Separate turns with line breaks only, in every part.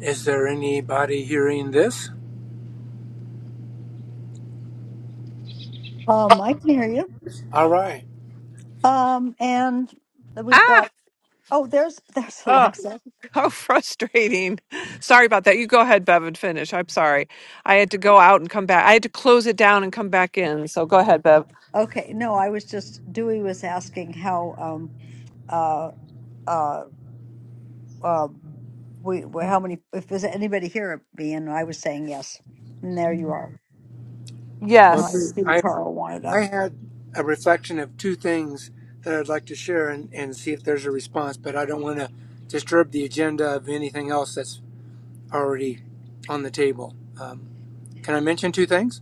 Is there anybody hearing this?
Um, I can hear you.
All right.
Um, and we've got
Ah,
oh, there's there's
oh,
Alexa.
how frustrating. Sorry about that. You go ahead, Bev, and finish. I'm sorry. I had to go out and come back. I had to close it down and come back in. So go ahead, Bev.
Okay, no, I was just Dewey was asking how um uh uh um we we- how many if there's anybody here me and I was saying yes, and there you are.
Well,
Now I
Yes.
see
I
Carl wanted up.
I had a reflection of two things that I'd like to share and, and see if there's a response, but I don't want to disturb the agenda of anything else that's already on the table. Um, can I mention two things?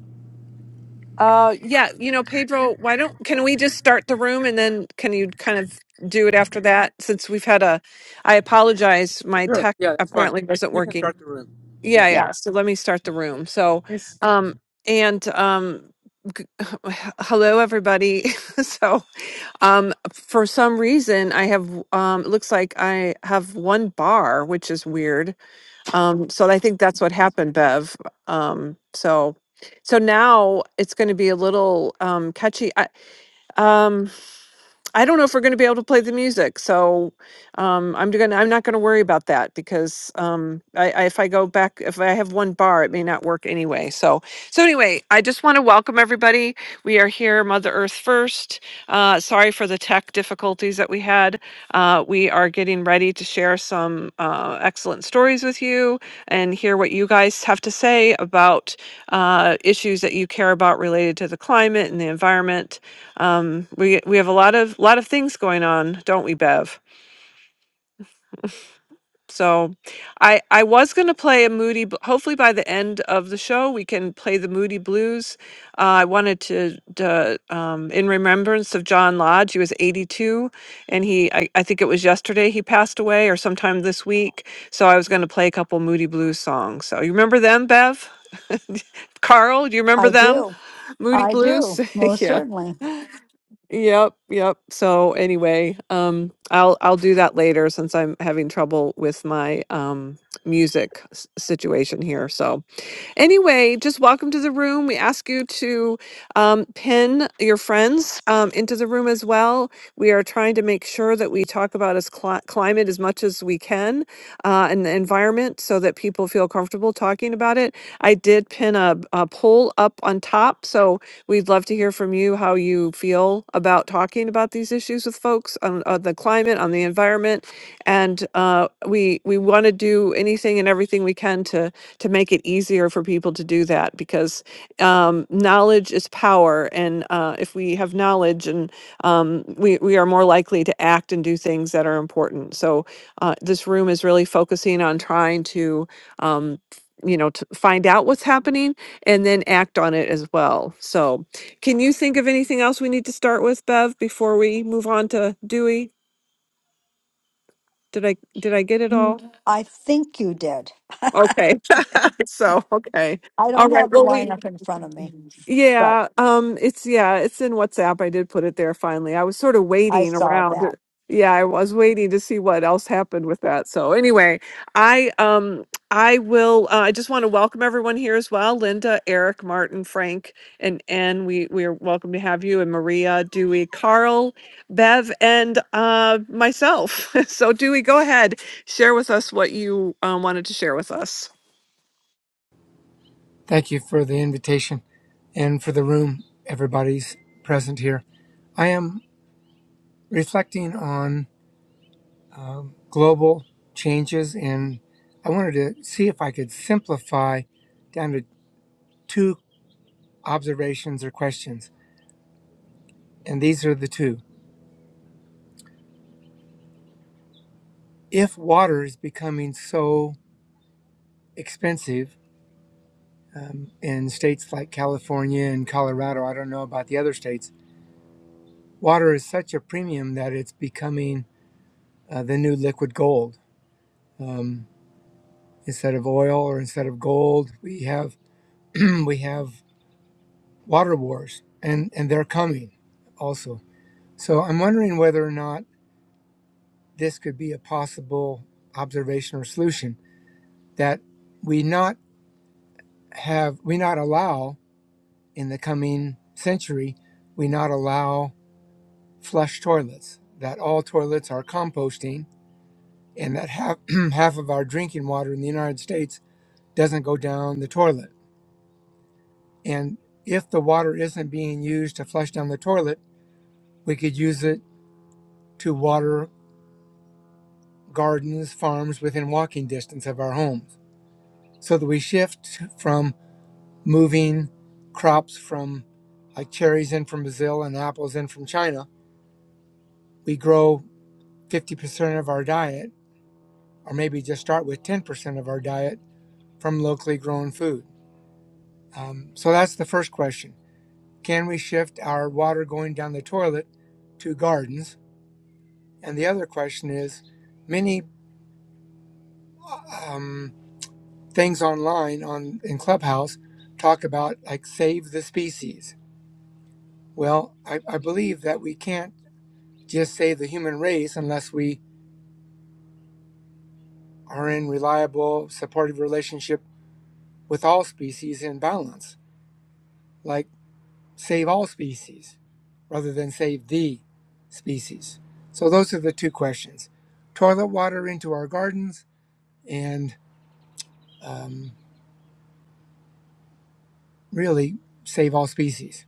Uh, yeah. You know, Pedro, why don't, can we just start the room and then can you kind of do it after that? Since we've had a, I apologize. My
Sure.
tech
Yeah, that's fine.
apparently wasn't
You can
working.
start the room.
Yeah.
Yeah.
Yeah,
Yeah. So let me start the room. So,
Yes.
um, and, um, g- hello everybody so Um, for some reason, I have um, it looks like I have one bar, which is weird. Um, so I think that's what happened, Bev. Um, so, so now it's going to be a little um catchy. I, um, I don't know if we're going to be able to play the music, so um, I'm going. to I'm not going to worry about that because um, I, I, if I go back, if I have one bar, it may not work anyway. So, so anyway, I just want to welcome everybody. We are here, Mother Earth first. Uh, sorry for the tech difficulties that we had. Uh, we are getting ready to share some uh, excellent stories with you and hear what you guys have to say about uh, issues that you care about related to the climate and the environment um we we have a lot of lot of things going on don't we bev so i i was going to play a moody Bl- hopefully by the end of the show we can play the moody blues uh, i wanted to, to um, in remembrance of john lodge he was 82 and he I, I think it was yesterday he passed away or sometime this week so i was going to play a couple moody blues songs so you remember them bev carl do you remember
I
them
do.
moody
I
blues
do most
yeah
certainly.
Yep, yep. So anyway, um I'll I'll do that later since I'm having trouble with my um music s- situation here. So anyway, just welcome to the room. We ask you to um pin your friends um into the room as well. We are trying to make sure that we talk about as cli- climate as much as we can uh, and the environment so that people feel comfortable talking about it. I did pin a, a poll up on top. So we'd love to hear from you how you feel about talking about these issues with folks on, on the climate, on the environment. And uh, we, we want to do anything and everything we can to, to make it easier for people to do that because um, knowledge is power, and uh, if we have knowledge, and um, we we are more likely to act and do things that are important. So uh, this room is really focusing on trying to. Um, you know, to find out what's happening and then act on it as well. So, can you think of anything else we need to start with, Bev, before we move on to Dewey? Did I did I get it
Mm,
all?
I think you did.
Okay. So, okay.
I
All
don't
right.
have the
Well, we
lineup in front of me, but
Yeah, um, it's yeah, it's in WhatsApp. I did put it there finally. I was sort of
I
waiting
saw
around. uh,
that.
Yeah, I was waiting to see what else happened with that. So anyway, I um I will uh, I just want to welcome everyone here as well. Linda, Eric, Martin, Frank, and Anne. We we are welcome to have you and Maria, Dewey, Carl, Bev, and uh myself. So Dewey, go ahead, share with us what you um, wanted to share with us.
Thank you for the invitation and for the room. Everybody's present here. I am reflecting on um, global changes and i wanted to see if i could simplify down to two observations or questions and these are the two if water is becoming so expensive um, in states like california and colorado i don't know about the other states water is such a premium that it's becoming uh, the new liquid gold um, instead of oil or instead of gold we have we have water wars and and they're coming also So I'm wondering whether or not this could be a possible observation or solution that we not have, we not allow in the coming century, we not allow flush toilets, that all toilets are composting and that half, half of our drinking water in the United States doesn't go down the toilet. And if the water isn't being used to flush down the toilet, we could use it to water gardens, farms within walking distance of our homes so that we shift from moving crops from like cherries in from Brazil and apples in from China. We grow 50% of our diet, or maybe just start with 10% of our diet from locally grown food. Um, so that's the first question. Can we shift our water going down the toilet to gardens? And the other question is many um, things online on in Clubhouse talk about like save the species. Well, I, I believe that we can't just save the human race unless we are in reliable supportive relationship with all species in balance like save all species rather than save the species so those are the two questions toilet water into our gardens and um, really save all species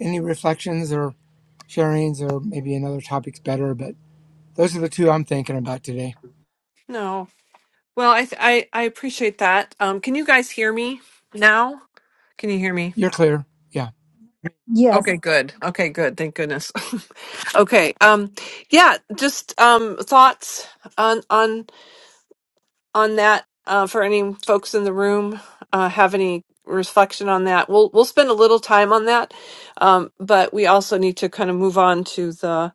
any reflections or sharings or maybe another topic's better but those are the two i'm thinking about today
Well, I th- I I appreciate that. Um, can you guys hear me now? Can you hear me?
you're clear yeah
Yes.
Okay, good. Okay, good. Thank goodness. okay. Um, yeah. Just um thoughts on on on that. Uh, for any folks in the room, uh, have any reflection on that? We'll we'll spend a little time on that, um, but we also need to kind of move on to the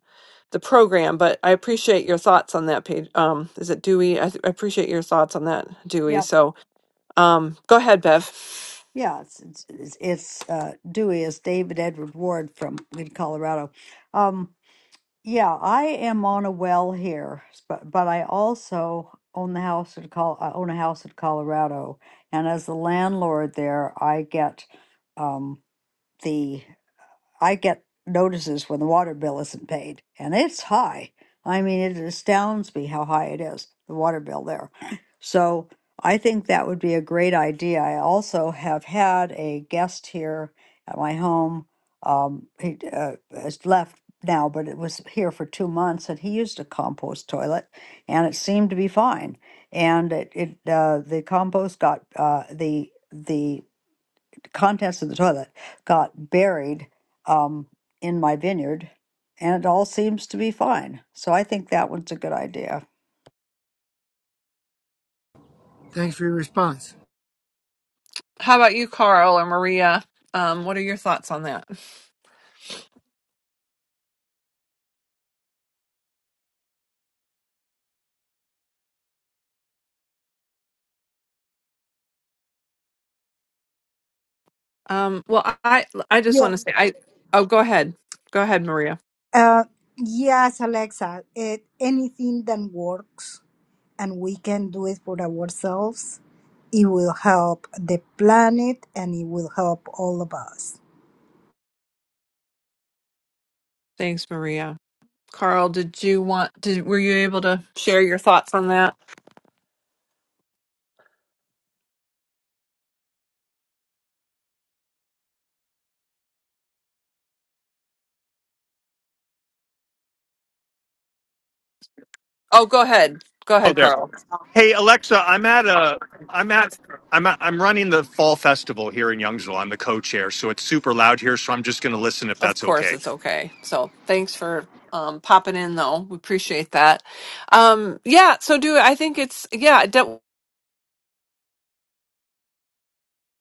the program. But I appreciate your thoughts on that page. Um, is it Dewey? I, th- I appreciate your thoughts on that, Dewey.
Yeah,
So Um, go ahead, Bev.
yeah, it's it's, it's it's, uh, Dewey is David Edward Ward from in Colorado. Um, yeah, I am on a well here, but but I also own the house in Col. I own a house in Colorado, and as the landlord there, I get um, the I get notices when the water bill isn't paid, and it's high. I mean, it astounds me how high it is, the water bill there. So I think that would be a great idea. I also have had a guest here at my home. Um, he uh, has left now, but it was here for two months, and he used a compost toilet, and it seemed to be fine. And it, it uh, the compost got uh, the the contents of the toilet got buried um, in my vineyard, and it all seems to be fine. So I think that one's a good idea.
thanks for your response
How about you, Carl or Maria? Um, what are your thoughts on that? Um, well, I I just
Yeah.
want to say I oh go ahead, go ahead, Maria.
Uh, yes, Alexa. It, anything that works and we can do it for ourselves, it will help the planet and it will help all of us.
Thanks, Maria. Carl, did you want did were you able to share your thoughts on that? Oh, go ahead. Go
Oh,
ahead,
there.
Carl.
Hey, Alexa, I'm at a, I'm at, I'm at, I'm running the fall festival here in Youngsville. I'm the co-chair, so it's super loud here. So I'm just going to listen if
Of
that's
course
okay.
it's okay. So thanks for um popping in though. We appreciate that. Um yeah, so do I think it's yeah, I don't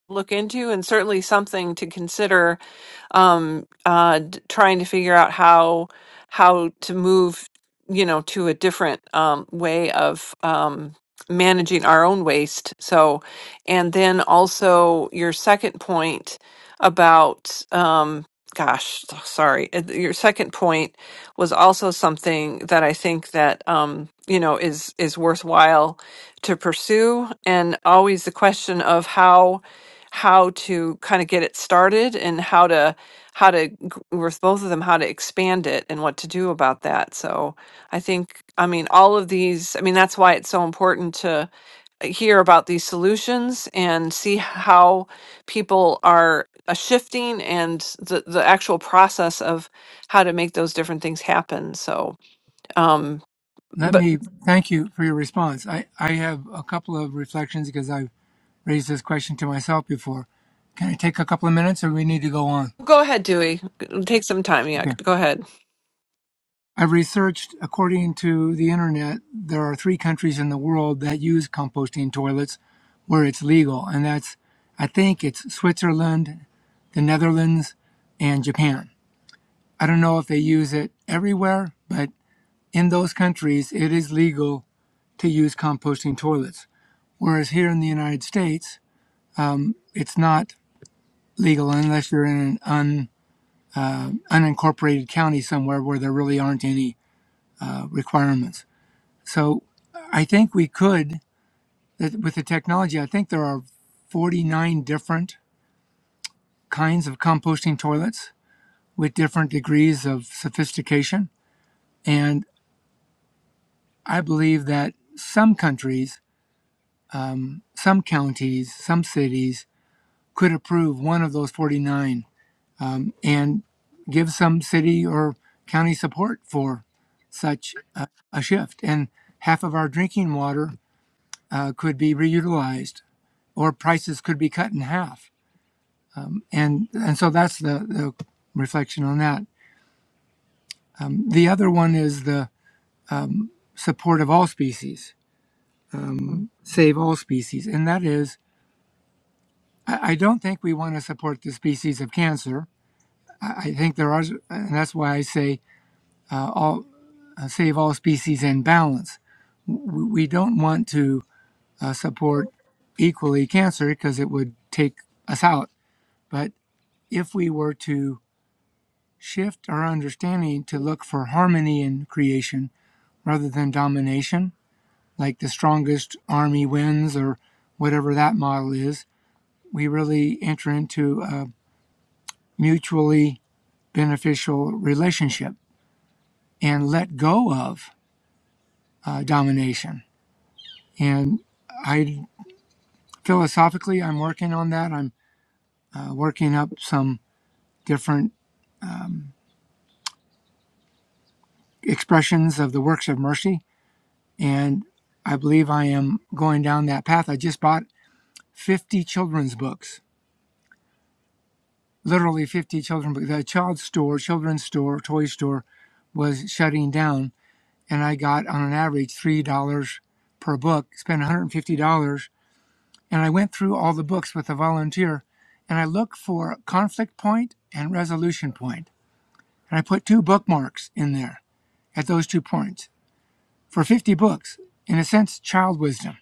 look into and certainly something to consider um, uh, d- trying to figure out how how to move, you know, to a different um, way of um, managing our own waste. So, and then also your second point about, um, gosh, so- sorry, uh, your second point was also something that I think that um, you know is is worthwhile to pursue, and always the question of how how to kind of get it started and how to how to g- with both of them how to expand it and what to do about that so i think i mean all of these i mean that's why it's so important to uh, hear about these solutions and see how people are uh, shifting and the, the actual process of how to make those different things happen so um
Let
but
me thank you for your response. I, I have a couple of reflections because I've raised this question to myself before. Can I take a couple of minutes or we need to go on?
go ahead dewey G- take some time yeah
Okay.
go ahead
I've researched, according to the internet, there are three countries in the world that use composting toilets where it's legal. And that's, I think it's Switzerland, the Netherlands, and Japan. I don't know if they use it everywhere, but in those countries, it is legal to use composting toilets. Whereas here in the United States, it's not legal unless you're in an un, unincorporated county somewhere where there really aren't any uh, requirements. So I think we could, with the technology, I think there are 49 different kinds of composting toilets with different degrees of sophistication. And I believe that some countries, some counties, some cities could approve one of those 49 and give some city or county support for such a, a shift. And half of our drinking water uh, could be reutilized, or prices could be cut in half. And and so that's the, the reflection on that. Um, the other one is the support of all species, save all species, and that is. I I don't think we want to support the species of cancer. I I think there are, and that's why I say uh, all, uh, save all species in balance. We we don't want to uh, support equally cancer because it would take us out. But if we were to shift our understanding to look for harmony in creation rather than domination, like the strongest army wins or whatever that model is, we really enter into a mutually beneficial relationship and let go of uh, domination. And I philosophically, I'm working on that. I'm uh, working up some different um, expressions of the works of mercy. And I believe I am going down that path. I just bought 50 children's books, literally 50 children's books. The child store, children's store, toy store was shutting down. And I got on an average $3 per book, spent $150. And I went through all the books with a volunteer and I looked for conflict point and resolution point, And I put two bookmarks in there at those two points for 50 books, in a sense, child wisdom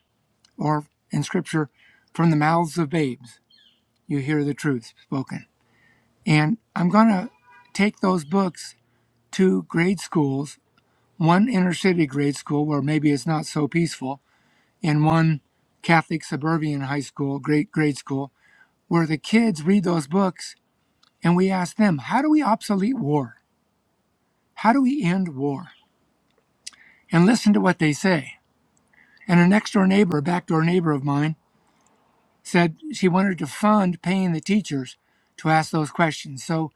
or in scripture, from the mouths of babes, you hear the truth spoken. And I'm going to take those books to grade schools, one inner city grade school where maybe it's not so peaceful, and one Catholic suburban high school, great grade school, where the kids read those books and we ask them, how do we obsolete war? How do we end war? And listen to what they say. And a next door neighbor, a backdoor neighbor of mine, said she wanted to fund paying the teachers to ask those questions. So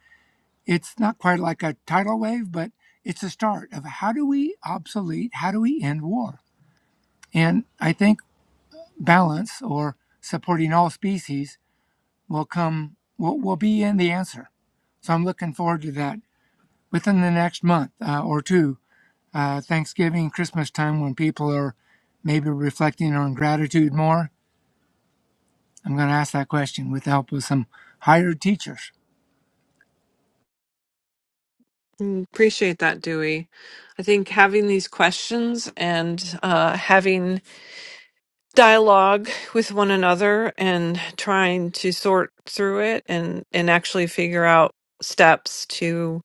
it's not quite like a tidal wave, but it's a start of how do we obsolete, how do we end war? And I think balance or supporting all species will come, will, will be in the answer. So I'm looking forward to that within the next month uh, or two, uh, Thanksgiving, Christmas time, when people are maybe reflecting on gratitude more. I'm going to ask that question with the help of some hired teachers
Mm, appreciate that dewey i think having these questions and uh having dialogue with one another and trying to sort through it and and actually figure out steps to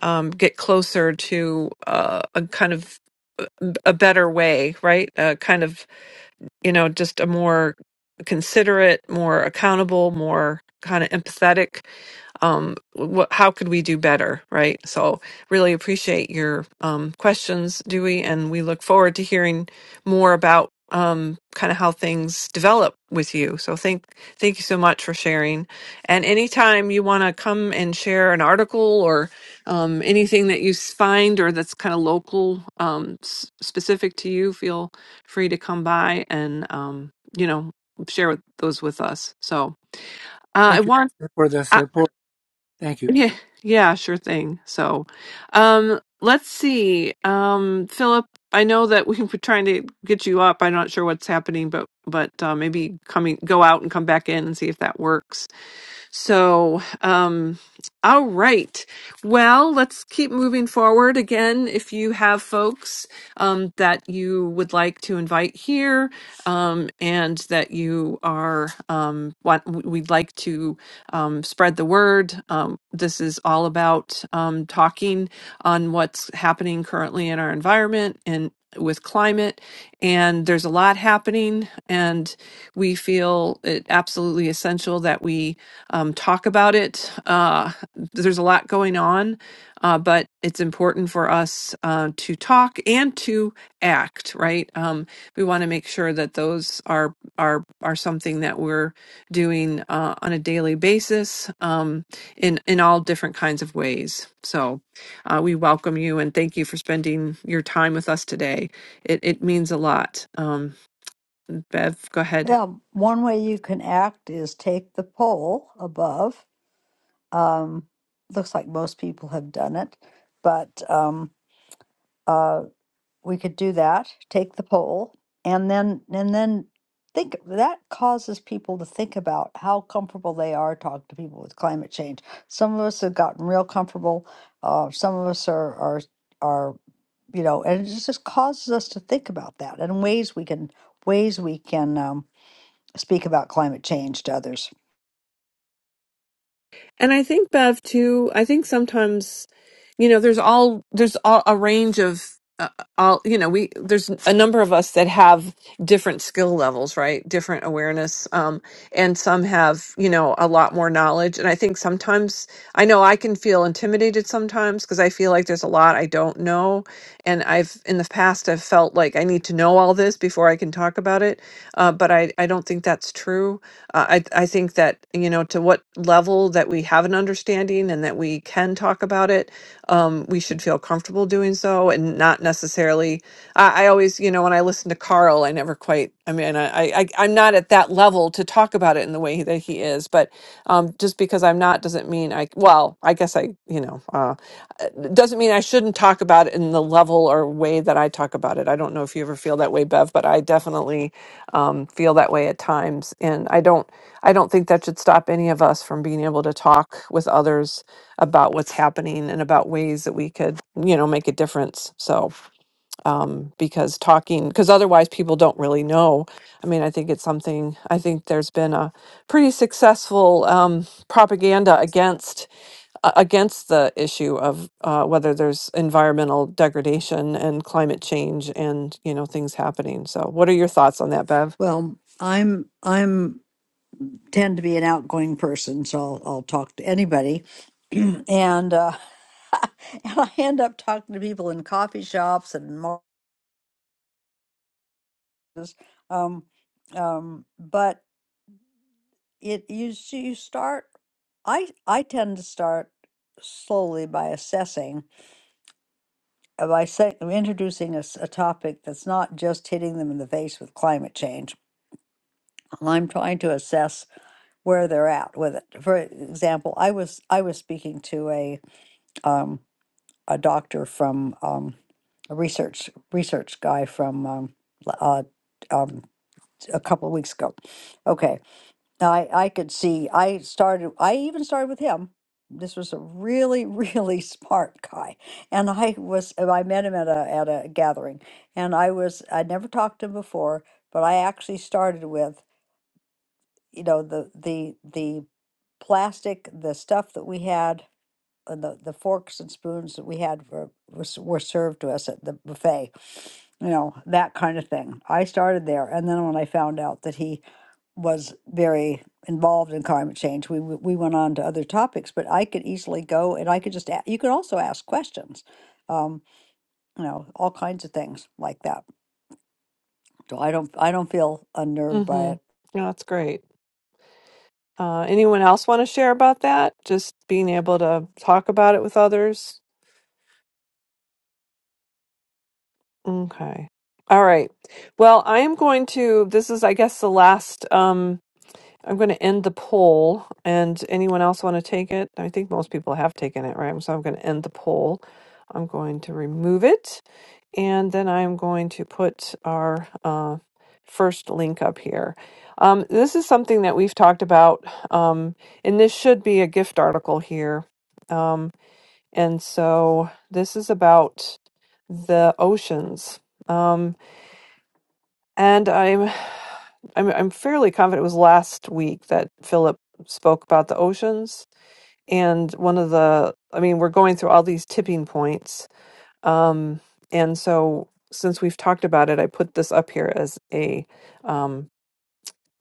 um, get closer to uh, a kind of a better way right a kind of you know just a more considerate more accountable more kind of empathetic um, what, how could we do better, right? So, really appreciate your um, questions, Dewey, and we look forward to hearing more about um, kind of how things develop with you. So, thank thank you so much for sharing. And anytime you want to come and share an article or um, anything that you s- find or that's kind of local, um, s- specific to you, feel free to come by and um, you know share with those with us. So, uh, I
Thank you
want.
for the support. Thank you.
Yeah, yeah, sure thing. So, um, let's see. Um, Philip, I know that we were trying to get you up. I'm not sure what's happening, but but uh, maybe coming go out and come back in and see if that works. So, um, all right. Well, let's keep moving forward. Again, if you have folks um, that you would like to invite here, um, and that you are um, want, we'd like to um, spread the word. Um, this is all about um, talking on what's happening currently in our environment and with climate and there's a lot happening and we feel it absolutely essential that we um, talk about it. Uh, there's a lot going on, uh, but it's important for us uh, to talk and to act. Right? Um, we want to make sure that those are are are something that we're doing uh, on a daily basis um, in in all different kinds of ways. So uh, we welcome you and thank you for spending your time with us today. It it means a lot. Um, Bev, go ahead.
Yeah, one way you can act is take the poll above. Um, looks like most people have done it, but um, uh, we could do that, take the poll, and then and then think that causes people to think about how comfortable they are talking to people with climate change. Some of us have gotten real comfortable. Uh, some of us are are are you know, and it just just causes us to think about that and ways we can ways we can um, speak about climate change to others.
And I think Bev too. I think sometimes, you know, there's all there's all, a range of uh, all you know. We there's a number of us that have different skill levels, right? Different awareness, um, and some have you know a lot more knowledge. And I think sometimes I know I can feel intimidated sometimes because I feel like there's a lot I don't know. And I've, in the past, I've felt like I need to know all this before I can talk about it. Uh, but I, I don't think that's true. Uh, I, I think that, you know, to what level that we have an understanding and that we can talk about it, um, we should feel comfortable doing so and not necessarily. I, I always, you know, when I listen to Carl, I never quite, I mean, I, I, I- I'm not at that level to talk about it in the way that he is, but um, just because I'm not doesn't mean I well I guess I you know uh, it doesn't mean I shouldn't talk about it in the level or way that I talk about it. I don't know if you ever feel that way, Bev, but I definitely um, feel that way at times, and I don't I don't think that should stop any of us from being able to talk with others about what's happening and about ways that we could you know make a difference. So um, because talking because otherwise people don't really know i mean i think it's something i think there's been a pretty successful um, propaganda against uh, against the issue of uh, whether there's environmental degradation and climate change and you know things happening so what are your thoughts on that bev
Well, I'm I'm tend to be an outgoing person, so I'll, I'll talk to anybody. and uh, and I end up talking to people in coffee shops and in markets. Um, um, but it you s- you start. I I tend to start slowly by assessing uh, by say, introducing a, s- a topic that's not just hitting them in the face with climate change. I'm trying to assess where they're at with it. For example, I was I was speaking to a um, a doctor from um, a research research guy from um, l- uh, um, a couple of weeks ago. Okay, I I could see I started I even started with him. This was a really really smart guy, and I was and I met him at a at a gathering, and I was I never talked to him before, but I actually started with you know the the the plastic the stuff that we had uh, the the forks and spoons that we had were were, s- were served to us at the buffet you know that kind of thing i started there and then when i found out that he was very involved in climate change we w- we went on to other topics but i could easily go and i could just a- you could also ask questions um you know all kinds of things like that so i don't i don't feel unnerved by
mm-hmm.
it
yeah, that's great uh, anyone else want to share about that just being able to talk about it with others Okay. All right. Well, I am going to this is I guess the last um I'm going to end the poll and anyone else want to take it? I think most people have taken it, right? So I'm going to end the poll. I'm going to remove it and then I'm going to put our uh first link up here. Um this is something that we've talked about um and this should be a gift article here. Um. And so this is about the oceans. Um, and I'm, I'm I'm fairly confident it was last week that Philip spoke about the oceans and one of the I mean we're going through all these tipping points. Um, and so since we've talked about it, I put this up here as a um,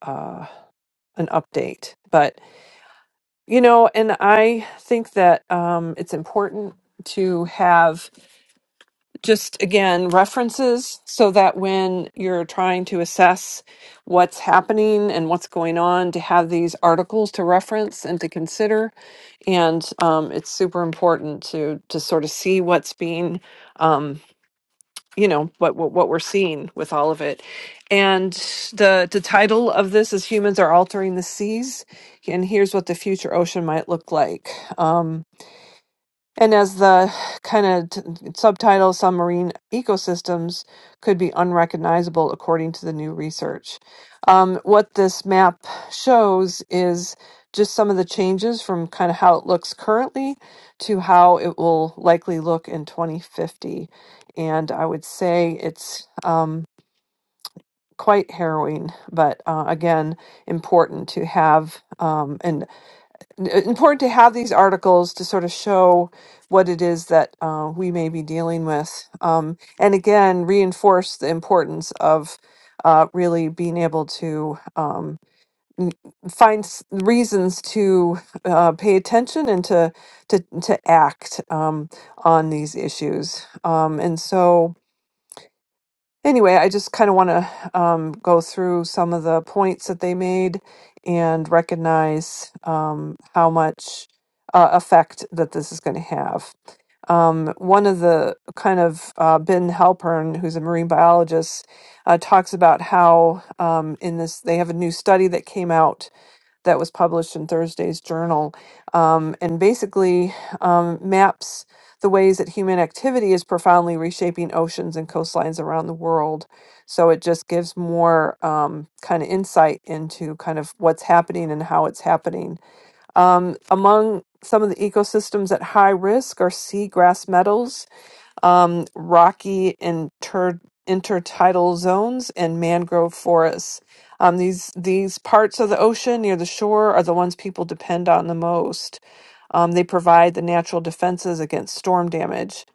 uh, an update. But you know, and I think that um, it's important to have just again references so that when you're trying to assess what's happening and what's going on to have these articles to reference and to consider and um, it's super important to to sort of see what's being um, you know what, what what we're seeing with all of it and the the title of this is humans are altering the seas and here's what the future ocean might look like Um, and as the kind of t- subtitle, some marine ecosystems could be unrecognizable according to the new research. Um, what this map shows is just some of the changes from kind of how it looks currently to how it will likely look in 2050. And I would say it's um, quite harrowing, but uh, again, important to have. Um, and important to have these articles to sort of show what it is that uh, we may be dealing with. Um, and again, reinforce the importance of uh, really being able to um, n- find s- reasons to uh, pay attention and to to, to act um, on these issues. Um, and so, Anyway, I just kind of want to um, go through some of the points that they made and recognize um, how much uh, effect that this is going to have. Um, one of the kind of uh, Ben Halpern, who's a marine biologist, uh, talks about how um, in this they have a new study that came out that was published in Thursday's journal um, and basically um, maps the ways that human activity is profoundly reshaping oceans and coastlines around the world. So it just gives more um, kind of insight into kind of what's happening and how it's happening. Um, among some of the ecosystems at high risk are seagrass meadows, um, rocky inter intertidal zones and mangrove forests. Um, these these parts of the ocean near the shore are the ones people depend on the most. Um, they provide the natural defenses against storm damage.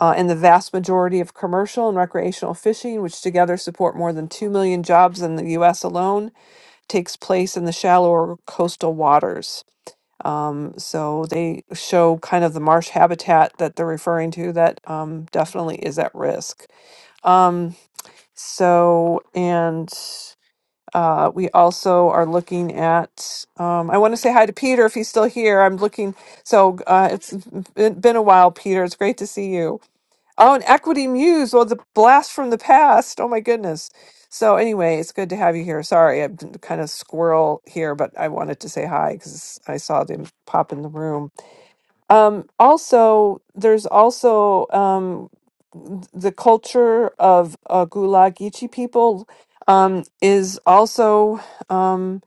Uh, and the vast majority of commercial and recreational fishing, which together support more than 2 million jobs in the U.S. alone, takes place in the shallower coastal waters. Um, so they show kind of the marsh habitat that they're referring to that um, definitely is at risk. Um, so, and uh, we also are looking at, um, I want to say hi to Peter if he's still here. I'm looking, so uh, it's been, been a while, Peter. It's great to see you. Oh, and Equity Muse, well, the blast from the past. Oh, my goodness. So, anyway, it's good to have you here. Sorry, I'm kind of squirrel here, but I wanted to say hi because I saw them pop in the room. Um, also, there's also um, th- the culture of uh, Gulag Ichi people um, is also um,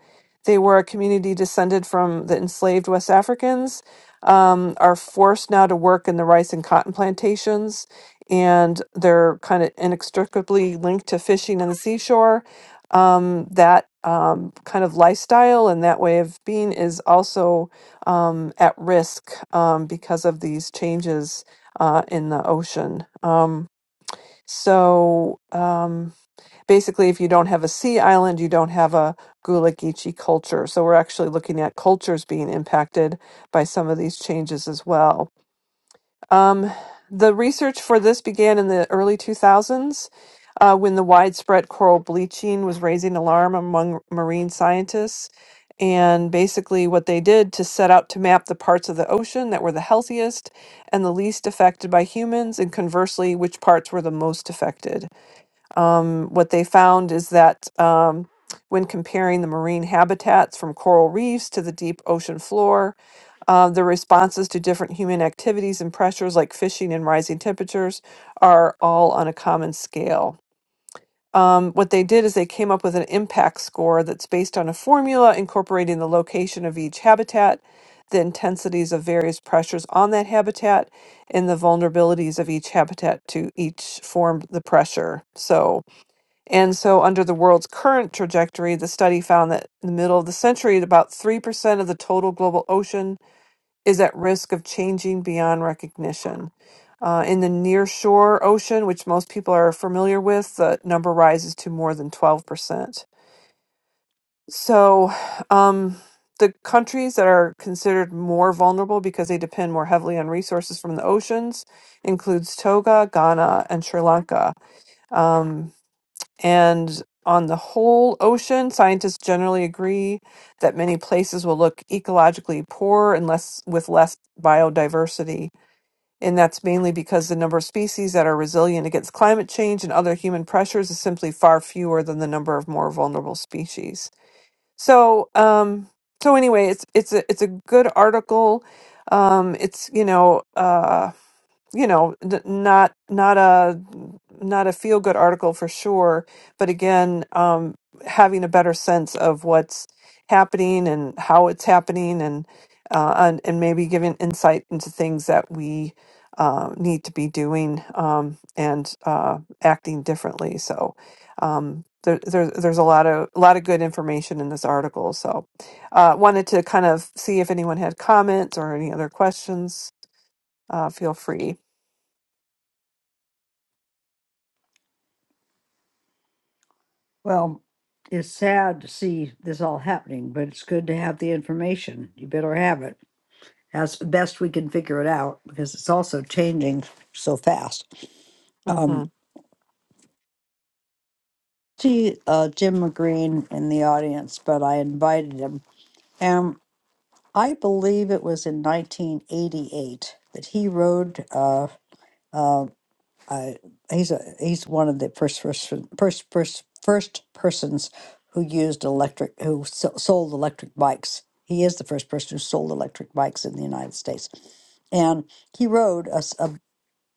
they were a community descended from the enslaved West Africans. Um, are forced now to work in the rice and cotton plantations, and they're kind of inextricably linked to fishing on the seashore. Um, that um, kind of lifestyle and that way of being is also um, at risk um, because of these changes uh, in the ocean. Um, so um, basically, if you don't have a sea island, you don't have a Gullah Geechee culture. So we're actually looking at cultures being impacted by some of these changes as well. Um, the research for this began in the early 2000s uh, when the widespread coral bleaching was raising alarm among marine scientists. And basically, what they did to set out to map the parts of the ocean that were the healthiest and the least affected by humans, and conversely, which parts were the most affected um, what they found is that um, when comparing the marine habitats from coral reefs to the deep ocean floor, uh, the responses to different human activities and pressures like fishing and rising temperatures are all on a common scale. Um, what they did is they came up with an impact score that's based on a formula incorporating the location of each habitat, the intensities of various pressures on that habitat, and the vulnerabilities of each habitat to each form the pressure. So, and so, under the world's current trajectory, the study found that in the middle of the century, about 3% of the total global ocean is at risk of changing beyond recognition. Uh, in the nearshore ocean, which most people are familiar with, the number rises to more than 12%. So, um, the countries that are considered more vulnerable because they depend more heavily on resources from the oceans includes Togo, Ghana, and Sri Lanka. Um, and on the whole ocean, scientists generally agree that many places will look ecologically poor and less with less biodiversity. And that's mainly because the number of species that are resilient against climate change and other human pressures is simply far fewer than the number of more vulnerable species. So, um, so anyway, it's it's a it's a good article. Um, it's you know. uh, you know n- not not a not a feel good article for sure but again um having a better sense of what's happening and how it's happening and uh and, and maybe giving insight into things that we uh, need to be doing um and uh acting differently so um there, there, there's a lot of a lot of good information in this article so uh wanted to kind of see if anyone had comments or any other questions uh, feel free.
well it's sad to see this all happening but it's good to have the information you better have it as best we can figure it out because it's also changing so fast.
hmm
Um, see uh, Jim McGreen in the audience, but I invited him. And I believe it was in 1988 that he rode. Uh, uh, I, he's a, he's one of the first first first first, first persons who used electric who so- sold electric bikes. He is the first person who sold electric bikes in the United States, and he rode a,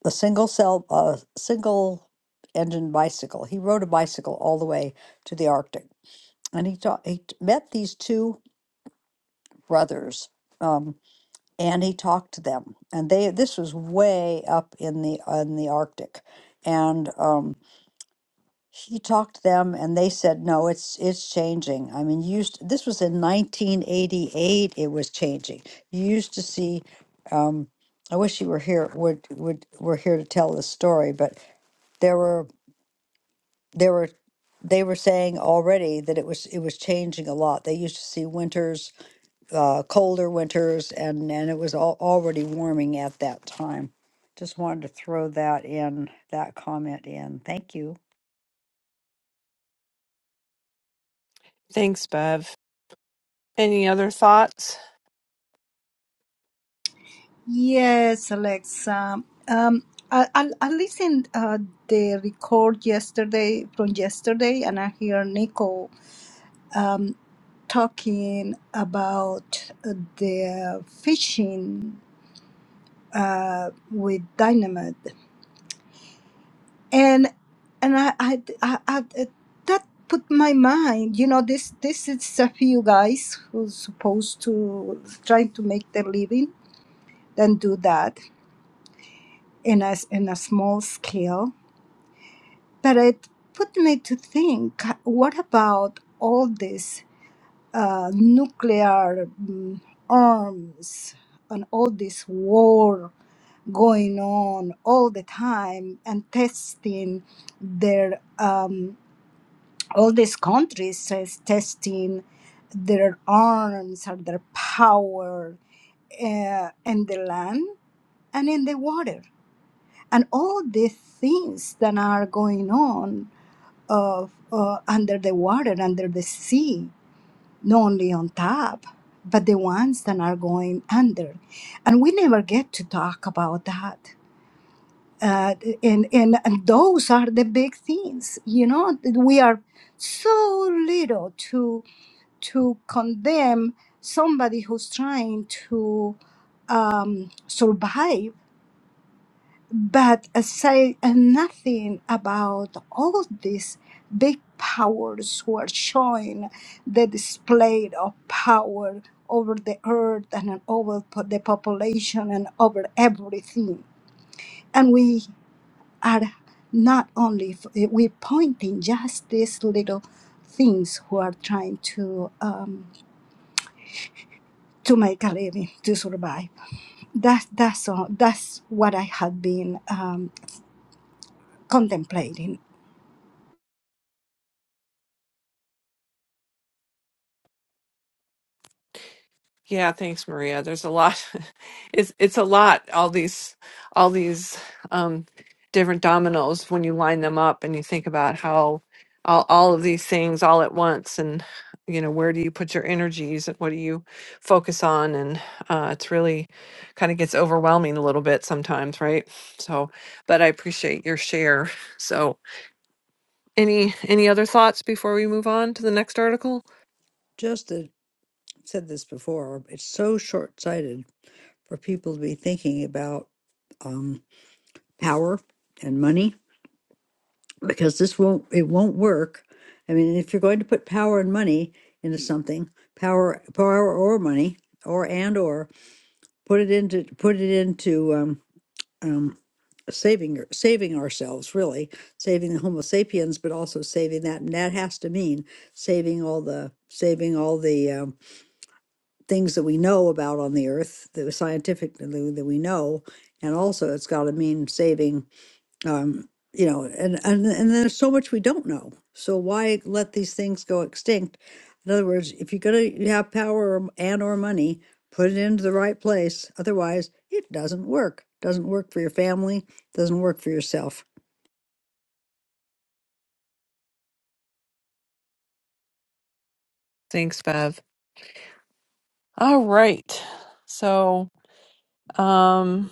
the single cell, uh, single engine bicycle. He rode a bicycle all the way to the Arctic, and he talked. He t- met these two brothers, um, and he talked to them. And they this was way up in the in the Arctic, and um, he talked to them, and they said, "No, it's it's changing. I mean, you used this was in 1988. It was changing. You used to see." Um, I wish you were here. Would would were here to tell this story, but there were They were they were saying already that it was it was changing a lot. They used to see winters, uh, colder winters, and and it was all, already warming at that time. Just wanted to throw that in, that comment in. Thank you.
Thanks, Bev. Any other thoughts?
Yes, Alexa. Um, I, I, I listened uh, the record yesterday from yesterday, and I hear Nico um, talking about the fishing uh, with dynamite. and and I, I, I, I that put my mind you know this this is a few guys who's supposed to trying to make their living then do that in a, in a small scale but it put me to think what about all this uh, nuclear mm, arms and all this war going on all the time and testing their um, all these countries is testing their arms or their power uh, in the land and in the water and all the things that are going on of uh, under the water under the sea not only on top but the ones that are going under and we never get to talk about that uh, and, and and those are the big things you know that we are so little to to condemn somebody who's trying to um, survive but say nothing about all these big powers who are showing the display of power over the earth and over po- the population and over everything are not only f- we're pointing just these little things who are trying to um, to make a living to survive. That's that's all, that's what I have been um, contemplating.
Yeah, thanks, Maria. There's a lot. It's it's a lot. All these all these um, different dominoes when you line them up and you think about how all all of these things all at once and you know where do you put your energies and what do you focus on and uh, it's really kind of gets overwhelming a little bit sometimes, right? So, but I appreciate your share. So, any any other thoughts before we move on to the next article?
Just to, said this before. It's so short sighted for people to be thinking about um, power and money because this won't, it won't work. I mean, if you're going to put power and money into something, power, power or money, or and or put it into put it into um, um, saving saving ourselves really, saving the Homo sapiens, but also saving that, and that has to mean saving all the saving all the um, things that we know about on the earth, the scientific that we know, and also it's got to mean saving um, you know, and, and and there's so much we don't know. So why let these things go extinct? In other words, if you're gonna have power or- and or money, put it into the right place. Otherwise, it doesn't work. Doesn't work for your family. Doesn't work for yourself.
Thanks, Bev. All right. So. Um,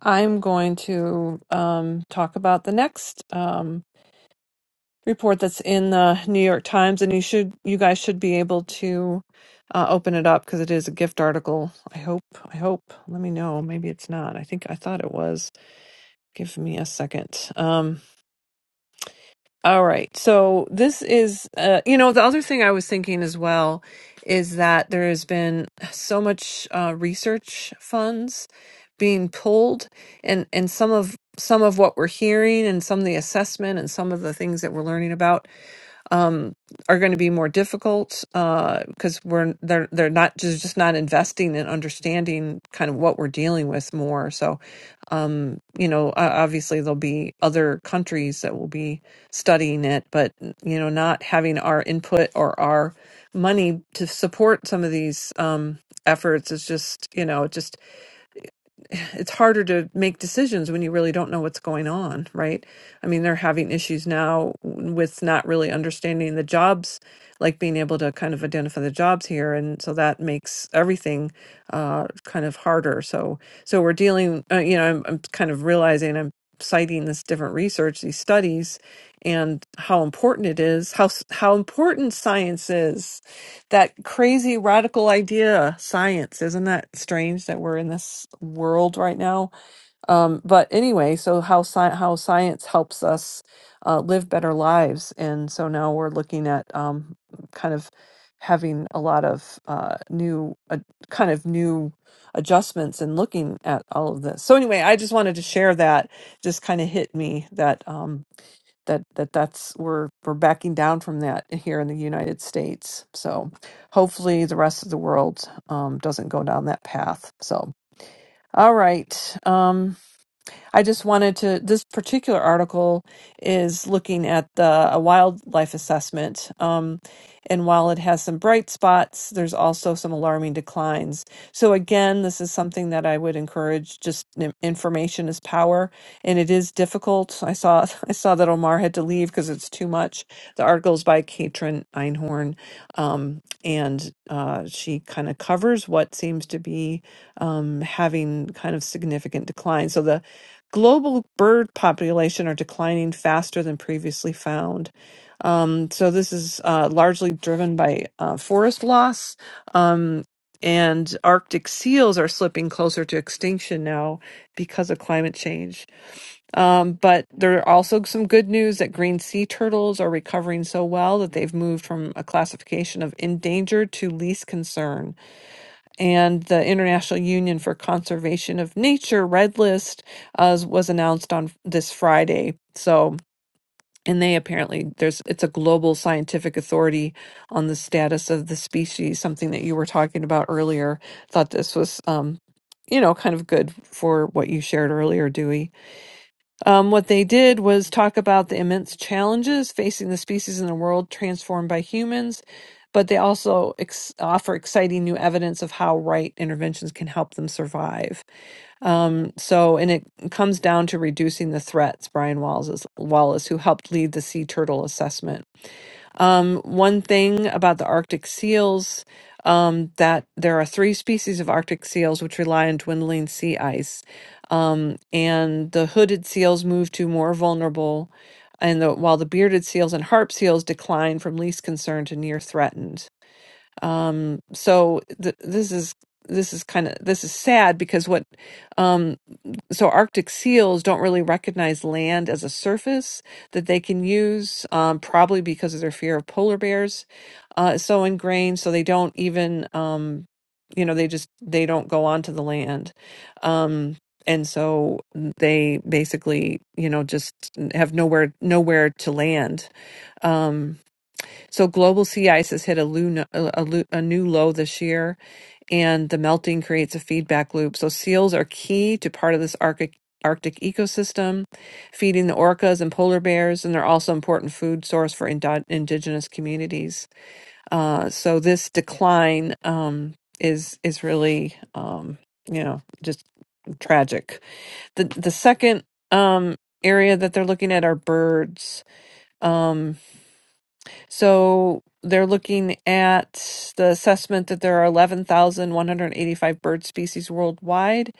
I'm going to um, talk about the next um, report that's in the New York Times, and you should, you guys should be able to uh, open it up because it is a gift article. I hope. I hope. Let me know. Maybe it's not. I think I thought it was. Give me a second. Um, All right. So this is, uh, you know, the other thing I was thinking as well is that there has been so much uh, research funds being pulled, and and some of some of what we're hearing, and some of the assessment, and some of the things that we're learning about um, are going to be more difficult because uh, we're they're they're not just just not investing in understanding kind of what we're dealing with more. So, um, you know, o- obviously there'll be other countries that will be studying it, but you know, not having our input or our money to support some of these um, efforts is just you know just it's harder to make decisions when you really don't know what's going on, right? I mean, they're having issues now with not really understanding the jobs, like being able to kind of identify the jobs here, and so that makes everything uh, kind of harder. So, so we're dealing. Uh, you know, I'm, I'm kind of realizing I'm citing this different research, these studies, and how important it is, how s- how important science is that crazy radical idea science isn't that strange that we're in this world right now um but anyway so how sci- how science helps us uh, live better lives and so now we're looking at um kind of having a lot of uh new uh, kind of new adjustments and looking at all of this so anyway i just wanted to share that just kind of hit me that um that that that's we're we're backing down from that here in the United States. So hopefully the rest of the world um, doesn't go down that path. So all right, um, I just wanted to. This particular article is looking at the a wildlife assessment, um, and while it has some bright spots, there's also some alarming declines. So again, this is something that I would encourage. Just n- information is power, and it is difficult. I saw I saw that Omar had to leave because it's too much. The article is by Katrin Einhorn, um, and uh, she kind of covers what seems to be um, having kind of significant decline. So the global bird population are declining faster than previously found. Um, so this is uh, largely driven by uh, forest loss. Um, and Arctic seals are slipping closer to extinction now because of climate change. Um, but there are also some good news that green sea turtles are recovering so well that they've moved from a classification of endangered to least concern and the International Union for Conservation of Nature Red List uh, was announced on this Friday. So, and they apparently there's it's a global scientific authority on the status of the species, something that you were talking about earlier. Thought this was, um, you know, kind of good for what you shared earlier, Dewey um, what they did was talk about the immense challenges facing the species in a world transformed by humans, but they also ex- offer exciting new evidence of how right interventions can help them survive. Um, so, and it comes down to reducing the threats. Brian Wallace, Wallace, who helped lead the sea turtle assessment um, one thing about the Arctic seals, um, that there are three species of Arctic seals which rely on dwindling sea ice. Um, and the hooded seals move to more vulnerable, and the, while the bearded seals and harp seals decline from least concern to near threatened. Um, so th- this is this is kind of this is sad because what um, so Arctic seals don't really recognize land as a surface that they can use, um, probably because of their fear of polar bears uh, is so ingrained. So they don't even, um, you know, they just they don't go onto the land, um, and so they basically, you know, just have nowhere nowhere to land. Um, so global sea ice has hit a, lu- a, lu- a new low this year, and the melting creates a feedback loop. So seals are key to part of this Arctic Arctic ecosystem, feeding the orcas and polar bears, and they're also important food source for indo- indigenous communities. Uh, so this decline um, is is really um, you know just tragic. The the second um, area that they're looking at are birds. Um, so they're looking at the assessment that there are 11,185 bird species worldwide.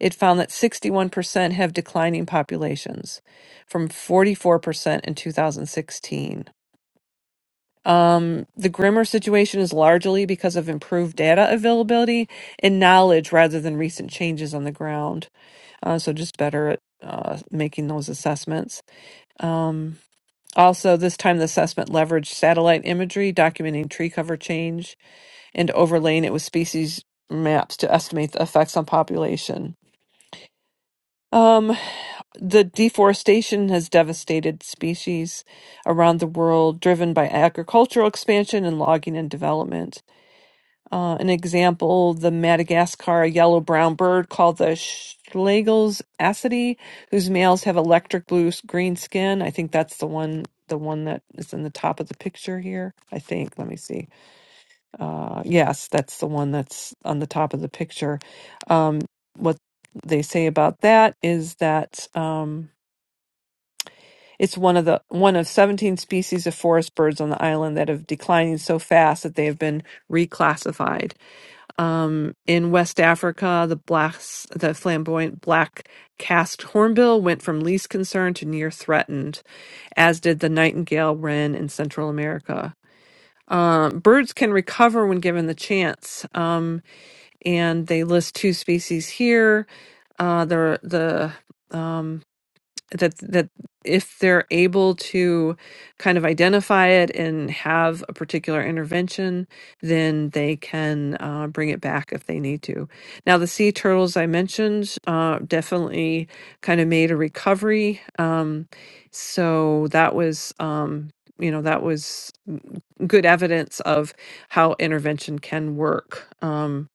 It found that 61% have declining populations from 44% in 2016. Um, the grimmer situation is largely because of improved data availability and knowledge rather than recent changes on the ground. Uh, so just better at uh, making those assessments. Um. Also, this time the assessment leveraged satellite imagery, documenting tree cover change, and overlaying it with species maps to estimate the effects on population. Um, the deforestation has devastated species around the world, driven by agricultural expansion and logging and development. Uh, an example, the Madagascar yellow brown bird called the Schlegel's acidy, whose males have electric blue green skin. I think that's the one the one that is in the top of the picture here. I think. Let me see. Uh, yes, that's the one that's on the top of the picture. Um, what they say about that is that um, it's one of the one of 17 species of forest birds on the island that have declining so fast that they have been reclassified um, in West Africa, the blacks, the flamboyant black cast hornbill went from least concern to near threatened, as did the nightingale wren in Central America. Um, birds can recover when given the chance, um, and they list two species here. Uh, the the um, that that if they're able to kind of identify it and have a particular intervention, then they can uh, bring it back if they need to. Now, the sea turtles I mentioned uh, definitely kind of made a recovery, um, so that was. Um, you know that was mm, good evidence of how intervention can work Um,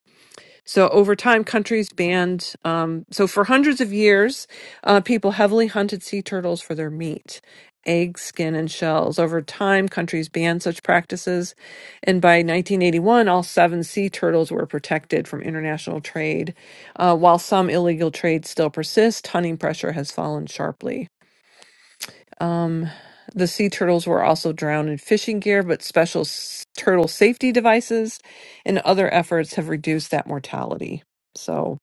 so over time, countries banned. Um, so for hundreds of years, uh, people heavily hunted sea turtles for their meat, eggs, skin, and shells. Over time, countries banned such practices, and by 1981, all seven sea turtles were protected from international trade. Uh, while some illegal trade still persists, hunting pressure has fallen sharply. Um, the sea turtles were also drowned in fishing gear, but special s- turtle safety devices and other efforts have reduced that mortality. So,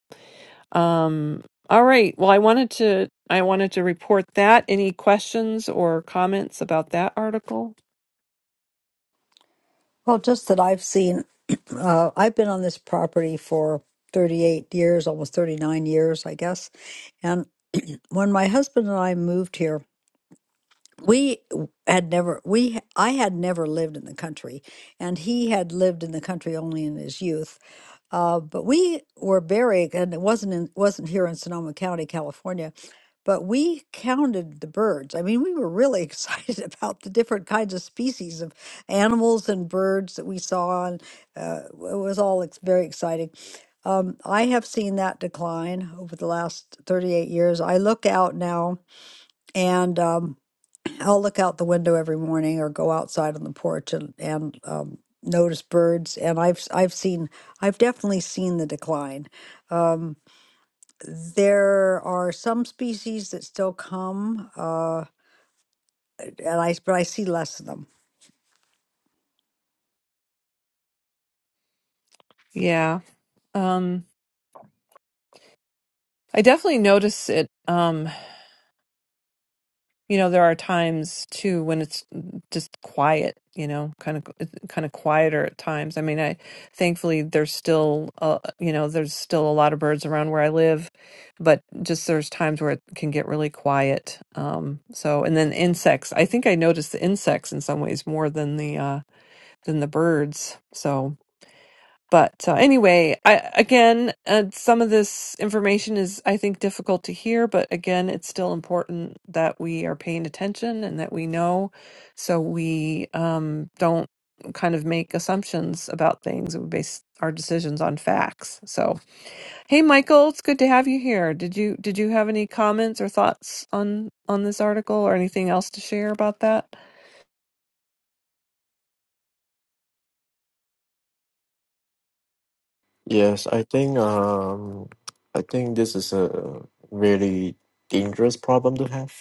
um, all right. Well, I wanted to I wanted to report that. Any questions or comments about that article?
Well, just that I've seen. Uh, I've been on this property for 38 years, almost 39 years, I guess. And when my husband and I moved here, we had never we I had never lived in the country and he had lived in the country only in his youth uh, but we were buried and it wasn't in wasn't here in sonoma county california but we counted the birds i mean we were really excited about the different kinds of species of animals and birds that we saw and uh, it was all ex- very exciting um, i have seen that decline over the last 38 years i look out now and um, I'll look out the window every morning or go outside on the porch and, and um, notice birds. And I've s- I've seen I've definitely seen the decline. Um, there are some species that still come, uh, and I but I see less of them.
Yeah. Um, I definitely notice it. Um, you know there are times too when it's just quiet you know kind of kind of quieter at times i mean i thankfully there's still uh, you know there's still a lot of birds around where i live but just there's times where it can get really quiet um so and then insects i think i notice the insects in some ways more than the uh than the birds So. But uh, anyway, I again, uh, some of this information is, I think, difficult to hear, but again, it's still important that we are paying attention and that we know, so we um, don't kind of make assumptions about things. We base our decisions on facts. So, hey, Michael, it's good to have you here. Did you did you have any comments or thoughts on on this article or anything else to share about that?
Yes, I think um, I think this is a really dangerous problem to have.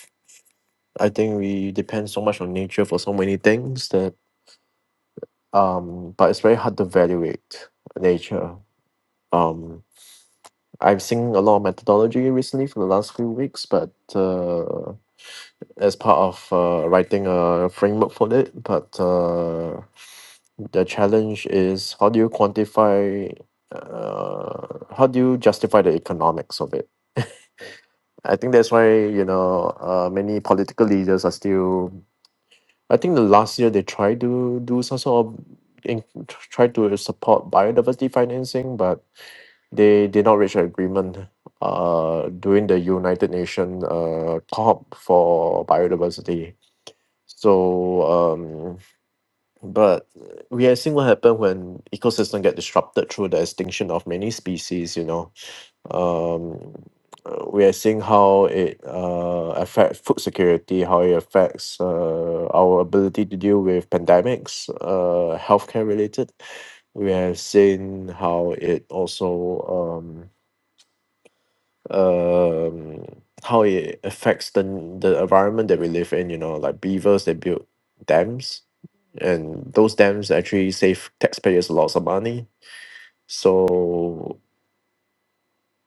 I think we depend so much on nature for so many things that um, but it's very hard to evaluate nature. Um, I've seen a lot of methodology recently for the last few weeks, but uh, as part of uh, writing a framework for it, but uh, the challenge is how do you quantify uh, how do you justify the economics of it? I think that's why you know uh, many political leaders are still. I think the last year they tried to do some sort of in, try to support biodiversity financing, but they did not reach an agreement uh, during the United Nations uh, COP for biodiversity. So, um, but we are seeing what happened when ecosystem get disrupted through the extinction of many species. You know, um, uh, we are seeing how it uh, affects food security, how it affects uh, our ability to deal with pandemics, uh, healthcare related. We have seen how it also um, um, how it affects the the environment that we live in. You know, like beavers, they build dams, and those dams actually save taxpayers lots of money. So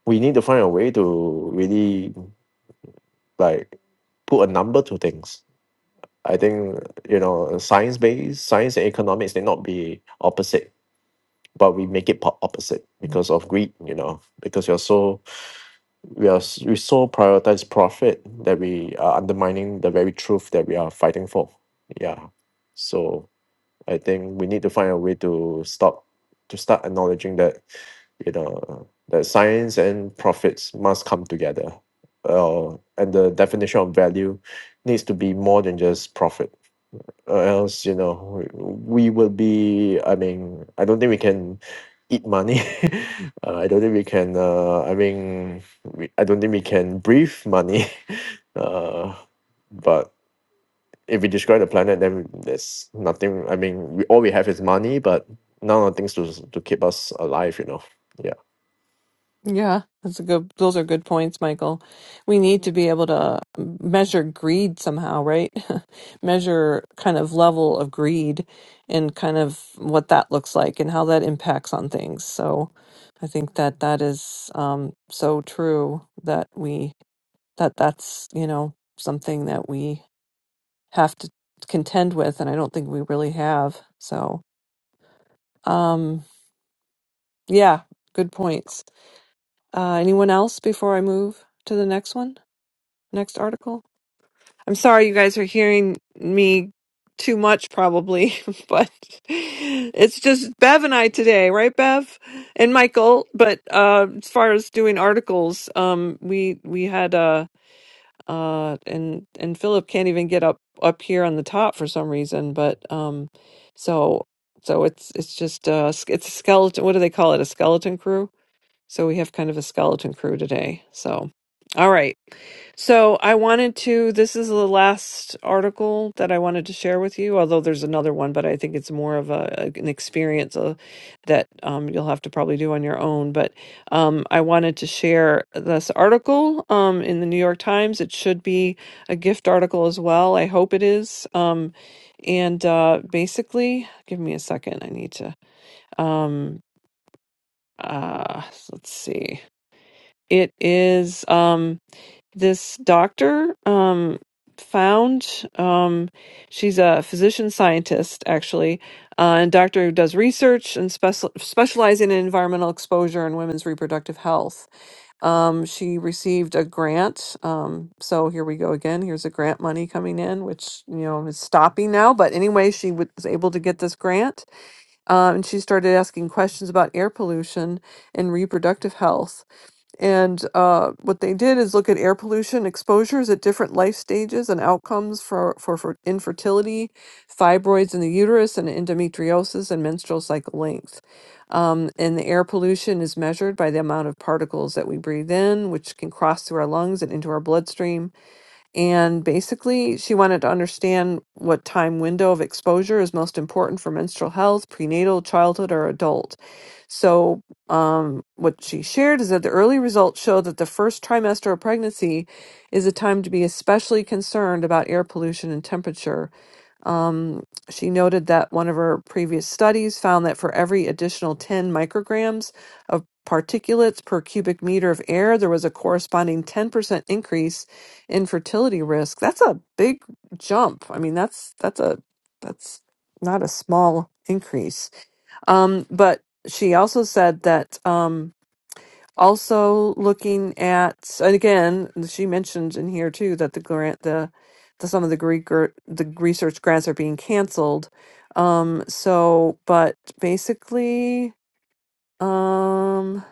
we need to find a way to really like put a number to things. I think you know science based science and economics may not be opposite, but we make it po- opposite because of greed. You know, because you're so we are s- we so prioritize profit that we are undermining the very truth that we are fighting for. Yeah, so I think we need to find a way to stop to start acknowledging that you know that science and profits must come together. Uh, and the definition of value needs to be more than just profit. Or else, you know, we, we will be. I mean, I don't think we can eat money. uh, I don't think we can. Uh, I mean, we, I don't think we can breathe money. Uh, but if we destroy the planet then there's nothing I mean we all we have is money but none of the things to to keep us alive you know yeah
Yeah, that's a good, those are good points, Michael. We need to be able to measure greed somehow, right? Measure kind of level of greed and kind of what that looks like and how that impacts on things. So I think that that is um, so true that we, that that's, you know, something that we have to contend with. And I don't think we really have. So, um, yeah, good points. Uh, anyone else before I move to the next one? Next article. I'm sorry you guys are hearing me too much probably, but it's just Bev and I today, right Bev? And Michael, but uh as far as doing articles, um we we had uh uh and and Philip can't even get up up here on the top for some reason, but um so so it's it's just uh it's a skeleton what do they call it? A skeleton crew? So we have kind of a skeleton crew today. So, all right. So I wanted to, this is the last article that I wanted to share with you, although there's another one, but I think it's more of a, an experience uh, that um, you'll have to probably do on your own. But um, I wanted to share this article um, in the New York Times. It should be a gift article as well. I hope it is. Um, and uh, basically, give me a second. I need to. Um, uh, let's see it is um this doctor um found um she's a physician scientist actually uh, and doctor who does research and special specializing in environmental exposure and women's reproductive health um she received a grant um so here we go again here's a grant money coming in which you know is stopping now but anyway she was able to get this grant uh, and she started asking questions about air pollution and reproductive health and uh, what they did is look at air pollution exposures at different life stages and outcomes for, for, for infertility, fibroids in the uterus, and endometriosis and menstrual cycle length. Um, and the air pollution is measured by the amount of particles that we breathe in, which can cross through our lungs and into our bloodstream and basically, she wanted to understand what time window of exposure is most important for menstrual health, prenatal, childhood, or adult. So, um, what she shared is that the early results show that the first trimester of pregnancy is a time to be especially concerned about air pollution and temperature um, she noted that one of her previous studies found that for every additional 10 micrograms of particulates per cubic meter of air, there was a corresponding 10% increase in fertility risk. That's a big jump. I mean, that's that's a that's not a small increase. Um, but she also said that. Um, also looking at and again she mentioned in here too that the grant the, the some of the greek gr- the research grants are being canceled um so but basically um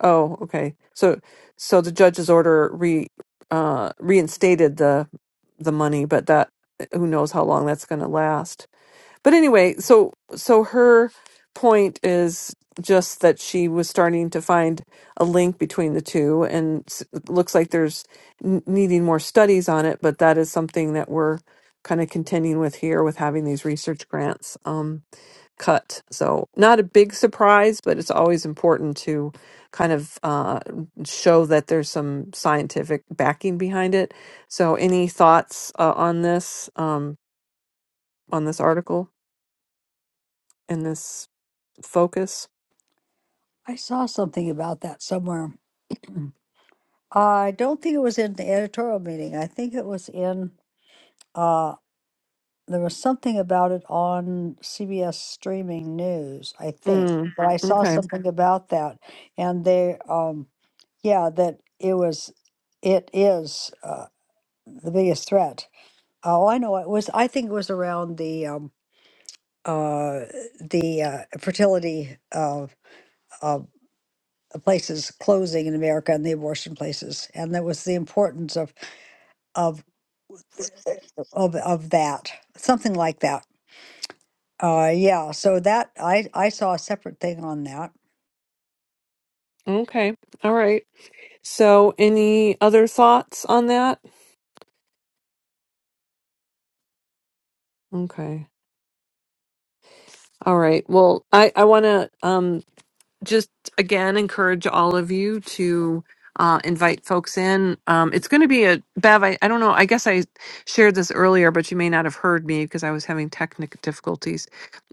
oh okay so so the judge's order re uh reinstated the the money but that who knows how long that's going to last but anyway, so so her point is just that she was starting to find a link between the two, and s- it looks like there's n- needing more studies on it. But that is something that we're kind of contending with here with having these research grants um, cut. So not a big surprise, but it's always important to kind of uh, show that there's some scientific backing behind it. So any thoughts uh, on this um, on this article? in this focus.
I saw something about that somewhere. I don't think it was in the editorial meeting. I think it was in. Uh, there was something about it on CBS streaming news, I think.
Mm,
But I saw
okay.
something about that, and they, um, yeah, that it was, it is uh, the biggest threat. Oh, I know it was. I think it was around the um, uh, the uh, fertility uh, uh, places closing in America and the abortion places, and that was the importance of of of of that, something like that. Uh, yeah, so that I I saw a separate thing on that,
Okay. All right. So, any other thoughts on that? Okay. All right. Well, I I want to um just again encourage all of you to uh, invite folks in. Um, it's going to be a Bev. I, I don't know. I guess I shared this earlier, but you may not have heard me because I was having technical difficulties.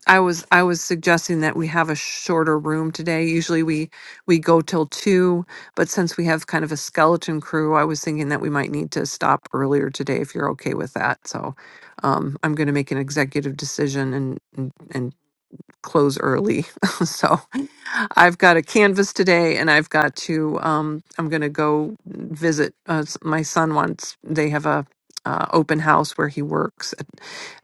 I was I was suggesting that we have a shorter room today. Usually we we go till 2, but since we have kind of a skeleton crew, I was thinking that we might need to stop earlier today if you're okay with that. So, um I'm going to make an executive decision and and, and close early. so I've got a canvas today and I've got to, um, I'm going to go visit uh, s- my son once they have a, uh, open house where he works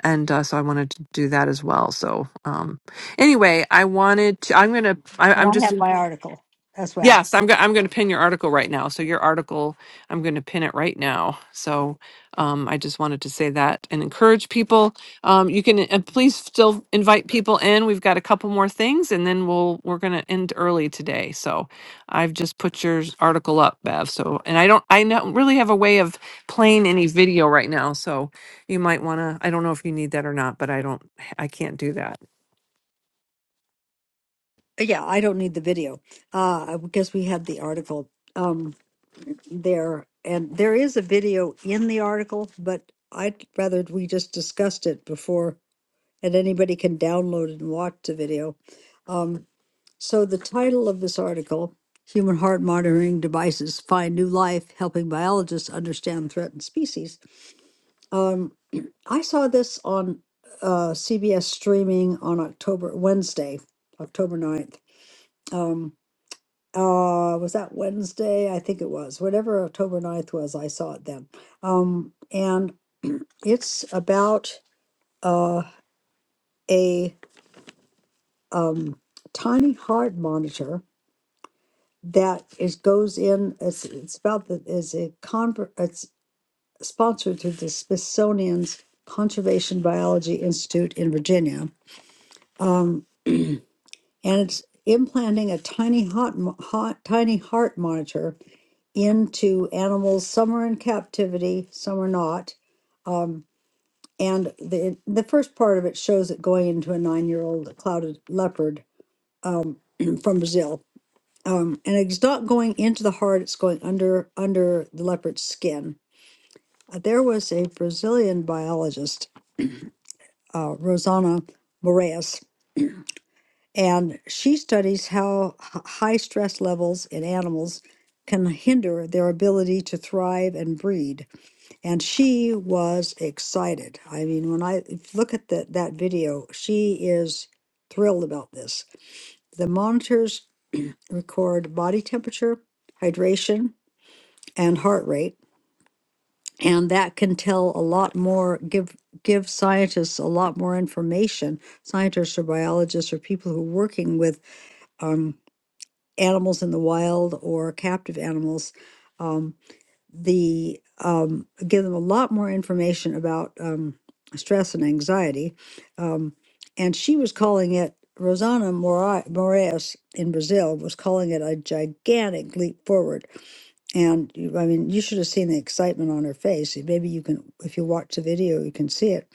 and uh, so i wanted to do that as well so um anyway i wanted to i'm gonna I,
and
i'm
I
just
have my article as well.
Yes, I'm going. I'm going to pin your article right now. So your article, I'm going to pin it right now. So um, I just wanted to say that and encourage people. Um, you can and please still invite people in. We've got a couple more things, and then we'll we're going to end early today. So I've just put your article up, Bev. So and I don't I don't really have a way of playing any video right now. So you might want to. I don't know if you need that or not, but I don't. I can't do that.
Uh, Yeah, I don't need the video. Uh, because we had the article um there, and there is a video in the article, but I'd rather we just discussed it before, and anybody can download and watch the video. Um, so the title of this article, Human Heart Monitoring Devices Find New Life, Helping Biologists Understand Threatened Species. um, I saw this on uh, CBS streaming on October Wednesday, October ninth. Um, uh, was that Wednesday? I think it was. Whatever October ninth was, I saw it then. Um, and it's about uh, a um, tiny heart monitor that is goes in. It's, it's about the is a conver- It's sponsored through the Smithsonian's Conservation Biology Institute in Virginia. Um, and it's implanting a tiny heart, mo- heart tiny heart monitor into animals. Some are in captivity, some are not. Um, and the the first part of it shows it going into a nine year old clouded leopard um, from Brazil. Um, and it's not going into the heart; it's going under under the leopard's skin. Uh, There was a Brazilian biologist, uh, Rosana Moraes, And she studies how h- high stress levels in animals can hinder their ability to thrive and breed. And she was excited. I mean, when I look at that that video, she is thrilled about this. The monitors record body temperature, hydration, and heart rate, and that can tell a lot more, give give scientists a lot more information, scientists or biologists or people who are working with um, animals in the wild or captive animals, um, the um, give them a lot more information about um, stress and anxiety. Um, and she was calling it Rosana Mora- Moraes in Brazil was calling it a gigantic leap forward. And you- I mean, you should have seen the excitement on her face. Maybe you can, if you watch the video, you can see it.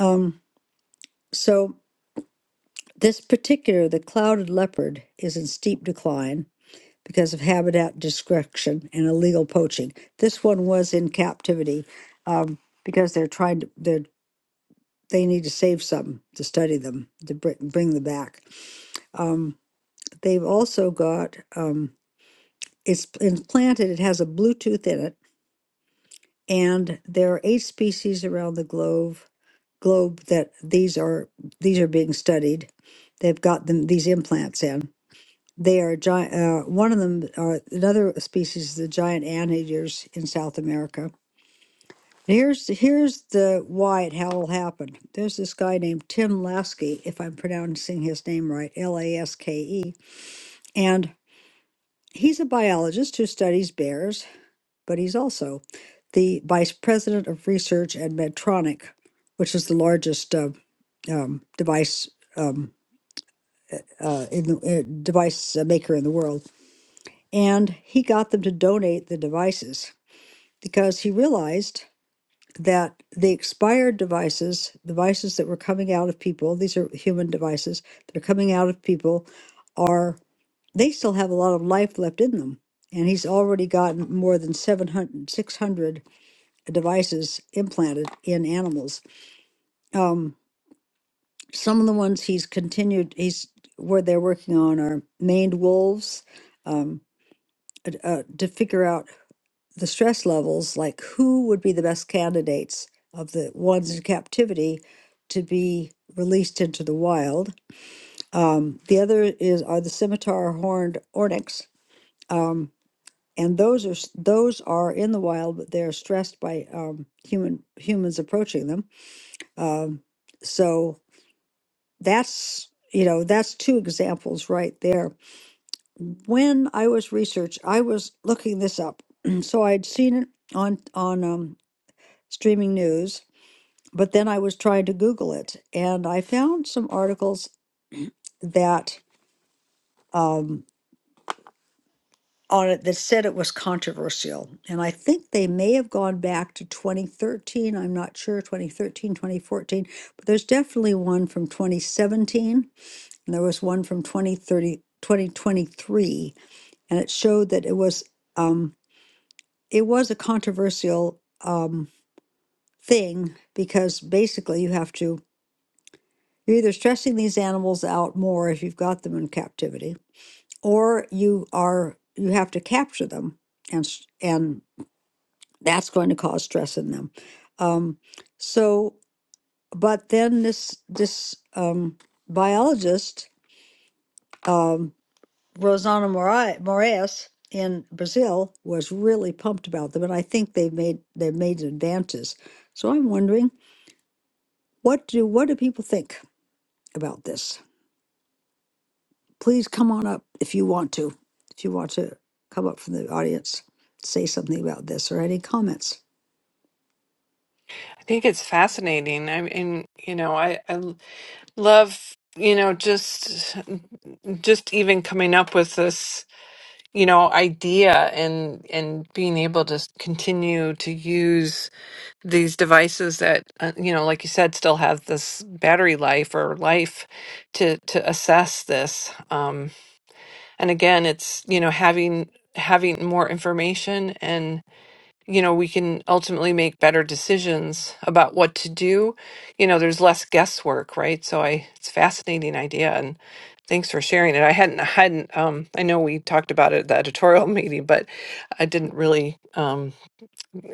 Um, so this particular, the clouded leopard, is in steep decline because of habitat destruction and illegal poaching. This one was in captivity um, because they're trying to they're they need to save some to study them to br- bring them back. Um, they've also got um, it's implanted. It has a Bluetooth in it, and there are eight species around the globe globe that these are these are being studied. They've got them these implants in. They are giant. Uh, one of them, uh, another species, is the giant anteaters in South America. Here's here's the why it all happened. There's this guy named Tim Lasky, if I'm pronouncing his name right, L A S K E, and he's a biologist who studies bears, but he's also the vice president of research at Medtronic, which is the largest uh, um, device um, uh, in the uh, device uh, maker in the world and he got them to donate the devices because he realized that the expired devices, devices that were coming out of people, these are human devices that are coming out of people, are they still have a lot of life left in them. And he's already gotten more than 700, 600 devices implanted in animals. Um, some of the ones he's continued, he's where they're working on are maned wolves um, uh, uh, to figure out the stress levels, like who would be the best candidates of the ones in captivity to be released into the wild. Um, the other is are the scimitar horned ornyx, um, and those are those are in the wild, but they're stressed by um, human humans approaching them. Um, so that's you know that's two examples right there. When I was research, I was looking this up, so I'd seen it on on um, streaming news, but then I was trying to Google it and I found some articles that um, on it that said it was controversial. And I think they may have gone back to 2013. I'm not sure, 2013, 2014, but there's definitely one from 2017 and there was one from 2030, 2023. And it showed that it was, um, it was a controversial um, thing because basically you have to You're either stressing these animals out more if you've got them in captivity, or you are you have to capture them, and s- and that's going to cause stress in them. Um, so, but then this this um, biologist um, Rosana Morai- Moraes in Brazil was really pumped about them, and I think they've made they've made advances. So I'm wondering what do what do people think about this? Please come on up if you want to. If you want to come up from the audience, say something about this or any comments.
I think it's fascinating. I mean, you know, I, I love you know just just even coming up with this you know idea and and being able to continue to use these devices that uh, you know like you said still have this battery life or life to to assess this um and again it's you know having having more information you know, we can ultimately make better decisions about what to do. You know, there's less guesswork, right? So I it's a fascinating idea and thanks for sharing it. I hadn't I hadn't um I know we talked about it at the editorial meeting, but I didn't really um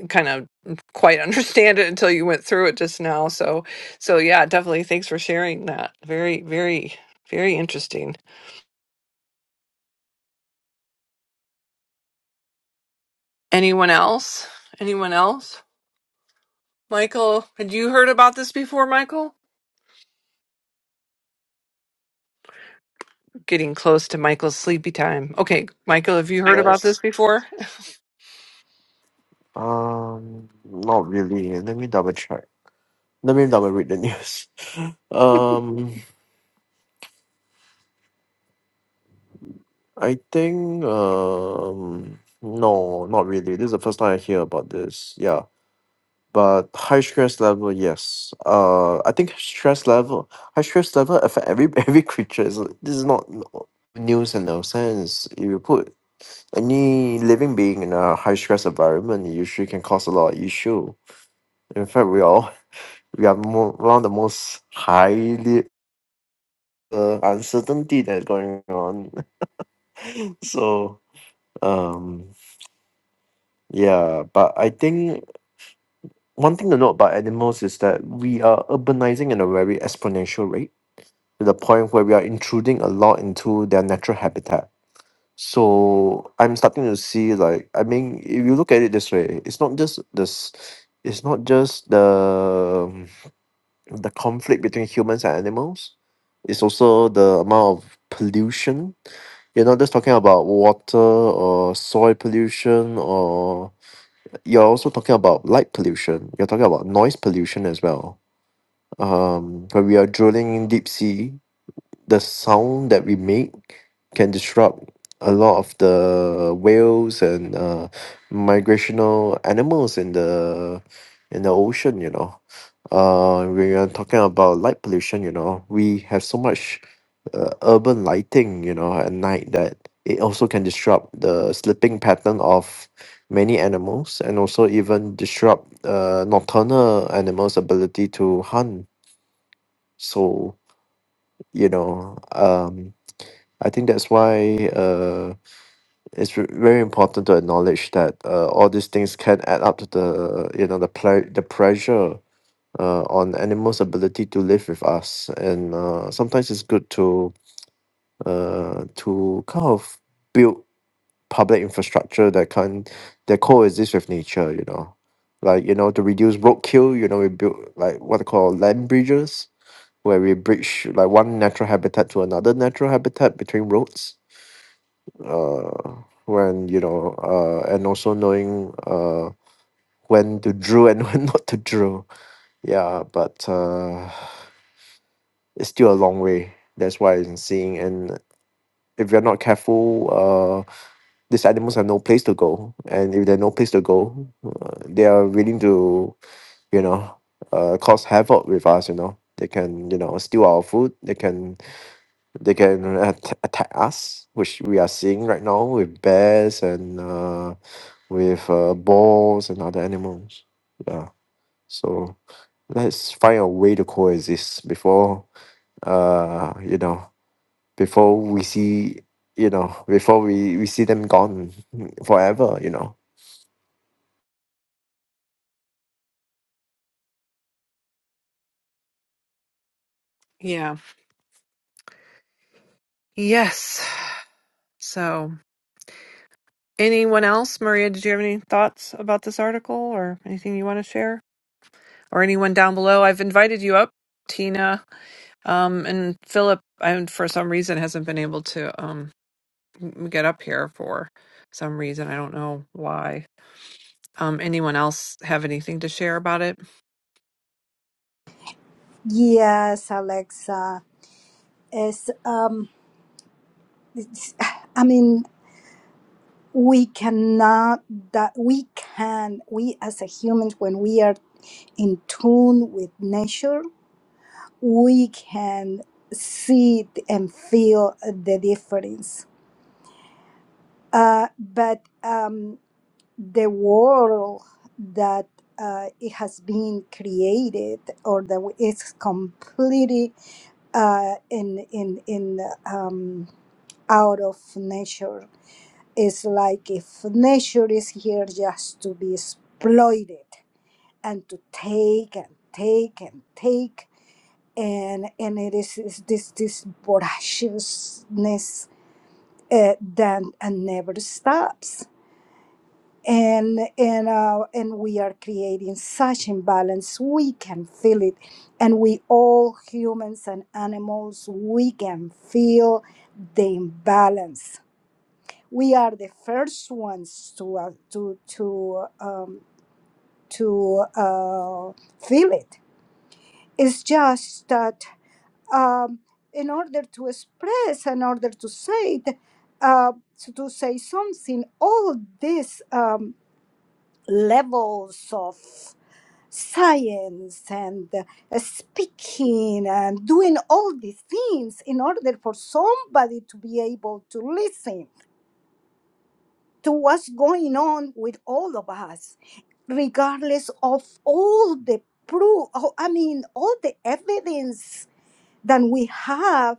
kind of quite understand it until you went through it just now. So so yeah, definitely thanks for sharing that. Very very very interesting. Anyone else? Anyone else? Michael, had you heard about this before, Michael? Getting close to Michael's sleepy time. Okay, Michael, have you heard
Michael, have
about
you Yes.
this before?
um not really let me double check let me double read the news um I think um no not really this is the first time I hear about this yeah but high stress level, yes. Uh, I think stress level, high stress level affect every every creature. It's- This is not no- news and no sense. If you put any living being in a high stress environment, it usually can cause a lot of issue. In fact, we all we are more, one of the most highly uh, uncertainty that's going on. So um, yeah, but I think one thing to note about animals is that we are urbanizing in a very exponential rate to the point where we are intruding a lot into their natural habitat. So I'm starting to see like I mean, if you look at it this way, it's not just this it's not just the um, the conflict between humans and animals. It's also the amount of pollution. You're not just talking about water or soil pollution or you're also talking about light pollution. You're talking about noise pollution as well. Um, when we are drilling in deep sea, the sound that we make can disrupt a lot of the whales and uh, migrational animals in the in the ocean you know uh we are talking about light pollution you know we have so much uh, urban lighting you know at night that it also can disrupt the sleeping pattern of many animals and also even disrupt uh, nocturnal animals ability to hunt so you know um I think that's why uh, it's ve- very important to acknowledge that uh, all these things can add up to the you know the ple- the pressure uh, on animals' ability to live with us, and uh, sometimes it's good to uh, to kind of build public infrastructure that can that coexist with nature. You know, like you know to reduce roadkill. You know, we build like what they call land bridges, where we bridge like one natural habitat to another natural habitat between roads uh, when you know, uh, and also knowing uh, when to draw and when not to draw, Yeah, but uh, it's still a long way. That's why I'm seeing. And if you're not careful, uh, these animals have no place to go. And if they have no place to go, uh, they are willing to, you know, uh, cause havoc with us. You know, they can, you know, steal our food. They can, they can at- attack us, which we are seeing right now with bears and. Uh, with uh, balls and other animals. Yeah. So let's find a way to coexist before uh you know before we see you know before we we see them gone forever. You know.
Yeah. Yes. So, anyone else? Maria, did you have any thoughts about this article or anything you want to share? Or anyone down below? I've invited you up, Tina. Um, and Philip, I, for some reason, hasn't been able to um, m- get up here for some reason. I don't know why. Um, anyone else have anything to share about it?
Yes, Alexa. Is um, it's, I mean we cannot that we can we as a humans when we are in tune with nature we can see it and feel the difference. Uh, but um, the world that uh, it has been created or that we- it's completely uh, in, in, in, um, out of nature is like if nature is here just to be exploited and to take and take and take and and it is, is this this voraciousness uh, that uh, never stops and and uh, and we are creating such imbalance we can feel it and we all humans and animals we can feel the imbalance we are the first ones to uh, to to um, to uh, feel it it's just that um, in order to express, in order to say, it, uh, to, to say something, all these um, levels of science and uh, speaking and doing all these things in order for somebody to be able to listen to what's going on with all of us, regardless of all the proof, oh, I mean, all the evidence than we have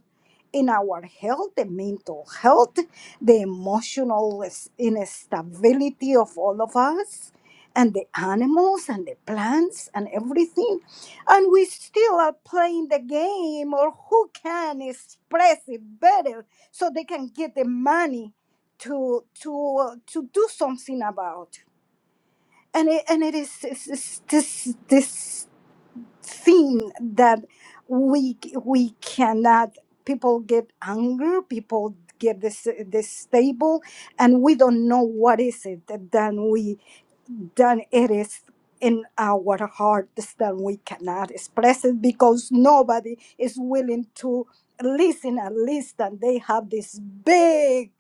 in our health, the mental health, the emotional is- instability of all of us, and the animals and the plants and everything. And we still are playing the game or who can express it better so they can get the money to to uh, to do something about. And it, and it is it's, it's this this thing that we we cannot people get anger people get this this stable and we don't know what is it that then we then it is in our hearts that we cannot express it because nobody is willing to listen at least and they have this big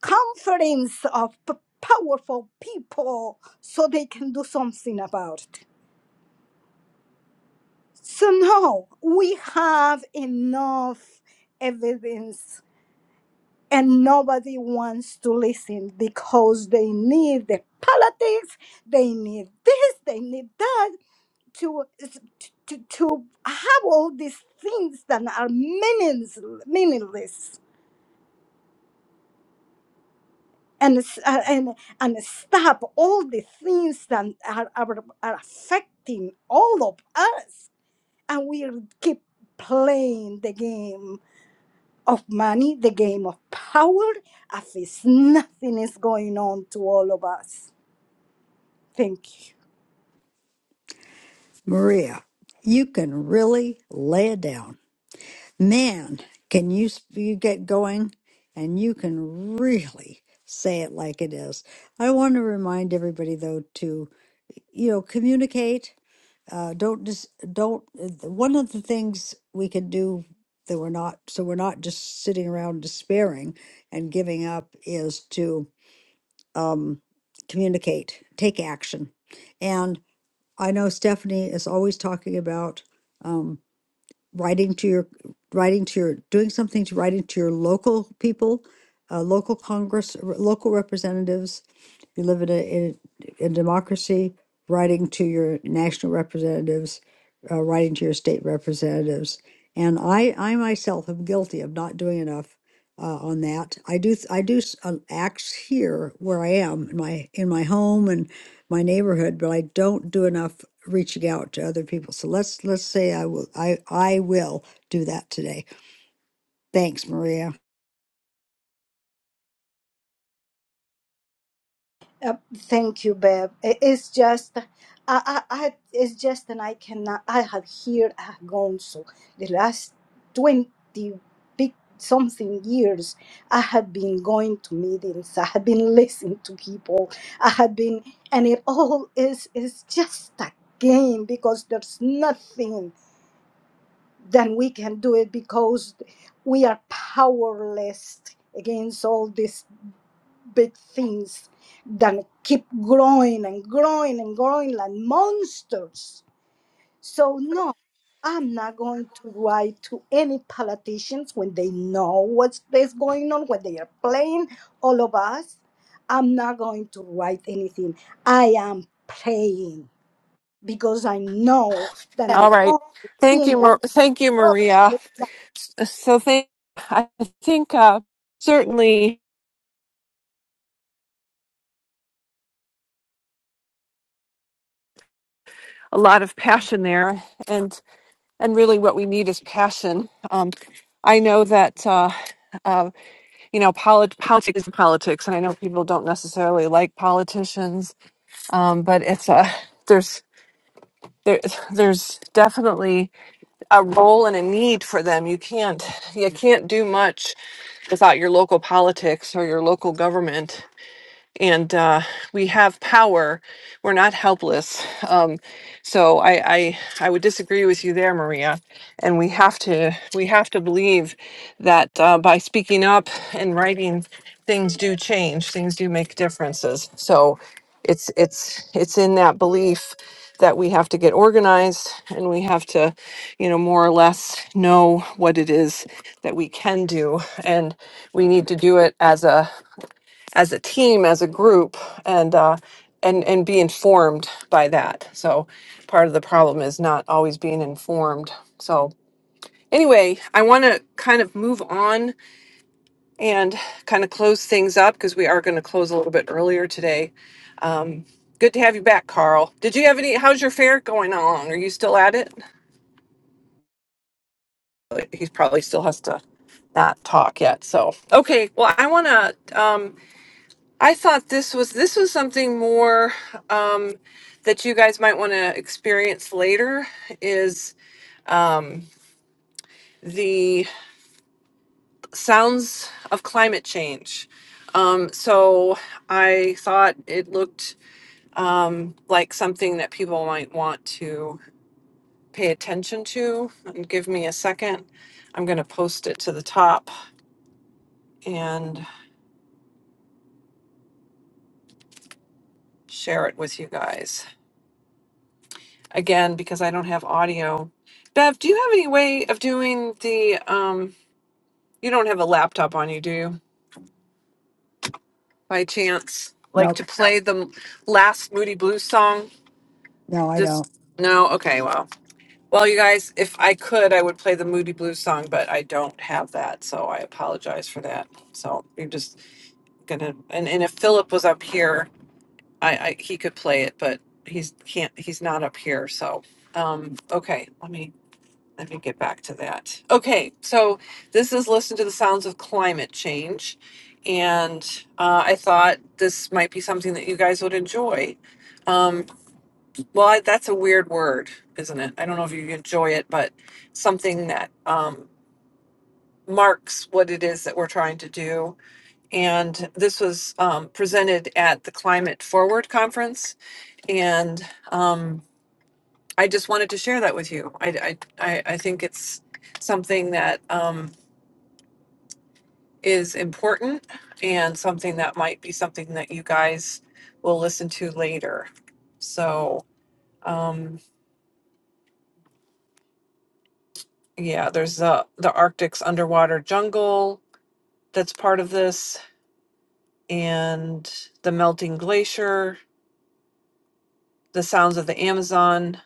conference of p- powerful people so they can do something about it so no, we have enough evidence and nobody wants to listen because they need the politics, they need this, they need that to to, to have all these things that are meaningless, meaningless. And, s- uh, and and stop all the things that are, are, are affecting all of us and we keep playing the game of money, the game of power, as if nothing is going on to all of us. Thank you.
Maria, you can really lay it down. Man, can you, s- you get going and you can really say it like it is. I want to remind everybody though to, you know, communicate. Uh, don't just don't. uh, One of the things we can do that we're not so we're not just sitting around despairing and giving up is to um, communicate, take action. And I know Stephanie is always talking about um, writing to your, writing to your, doing something to writing to your local people, uh, local Congress, r- local representatives, if you live in a, in a a democracy, writing to your national representatives, uh, writing to your state representatives. And I, I myself am guilty of not doing enough uh, on that. I do, th- I do s- uh, acts here where I am in my in my home and my neighborhood, but I don't do enough reaching out to other people. So let's let's say I will, I I will do that today. Thanks, Maria.
Uh, thank you, Bev. I- It's just, I, I, I, it's just, and I cannot, I have here, I have gone so the last 20 big something years, I have been going to meetings, I have been listening to people, I have been, and it all is, is just a game because there's nothing then we can do it because we are powerless against all these big things that keep growing and growing and growing like monsters. So, no, I'm not going to write to any politicians when they know what's is going on, when they are playing all of us. I'm not going to write anything. I am praying because I know that the
All right.
only
Thank
thing
you, Mar- thank you,
that
Maria. So thank, I think uh, certainly a lot of passion there, and and really what we need is passion. Um, I know that uh, uh, you know polit- politics is politics, and I know people don't necessarily like politicians, um, but it's a there's there, there's definitely a role and a need for them. You can't you can't do much without your local politics or your local government and uh, we have power. We're not helpless. Um, so I, I I would disagree with you there, Maria. And we have to we have to believe that uh, by speaking up and writing, things do change. Things do make differences. So it's it's it's in that belief that we have to get organized and we have to you know more or less know what it is that we can do and we need to do it as a as a team, as a group, and uh, and and be informed by that. So part of the problem is not always being informed. So anyway, I want to kind of move on and kind of close things up because we are going to close a little bit earlier today. Um, good to have you back, Carl. Did you have any? How's your fair going along? Are you still at it? He probably still has to not talk yet. So okay, well, I want to. Um, I thought this was this was something more um, that you guys might want to experience later is the sounds of climate change. Um, so I thought it looked um, like something that people might want to pay attention to. And give me a second. I'm going to post it to the top and share it with you guys again because I don't have audio. Bev, do you have any way of doing the um, You don't have a laptop on you, do you? By chance, like
Nope,
to play the last Moody Blues song?
no, I
This
don't.
no, okay, well, well, you guys, if I could, I would play the Moody Blues song, but I don't have that, so I apologize for that. So you're just gonna, and, and if Philip was up here, I, I he could play it, but he's can't, he's not up here, so um, okay, let me Let me get back to that. Okay, so this is Listen to the Sounds of Climate Change. And uh, I thought this might be something that you guys would enjoy. Um, well, I, that's a weird word, isn't it? I don't know if you enjoy it, but something that um, marks what it is that we're trying to do. And this was um, presented at the Climate Forward Conference. And um, I just wanted to share that with you. I, I, I I think it's something that. um, is important and something that might be something that you guys will listen to later. So, um, yeah, there's the the Arctic's underwater jungle that's part of this, and the melting glacier, the sounds of the Amazon.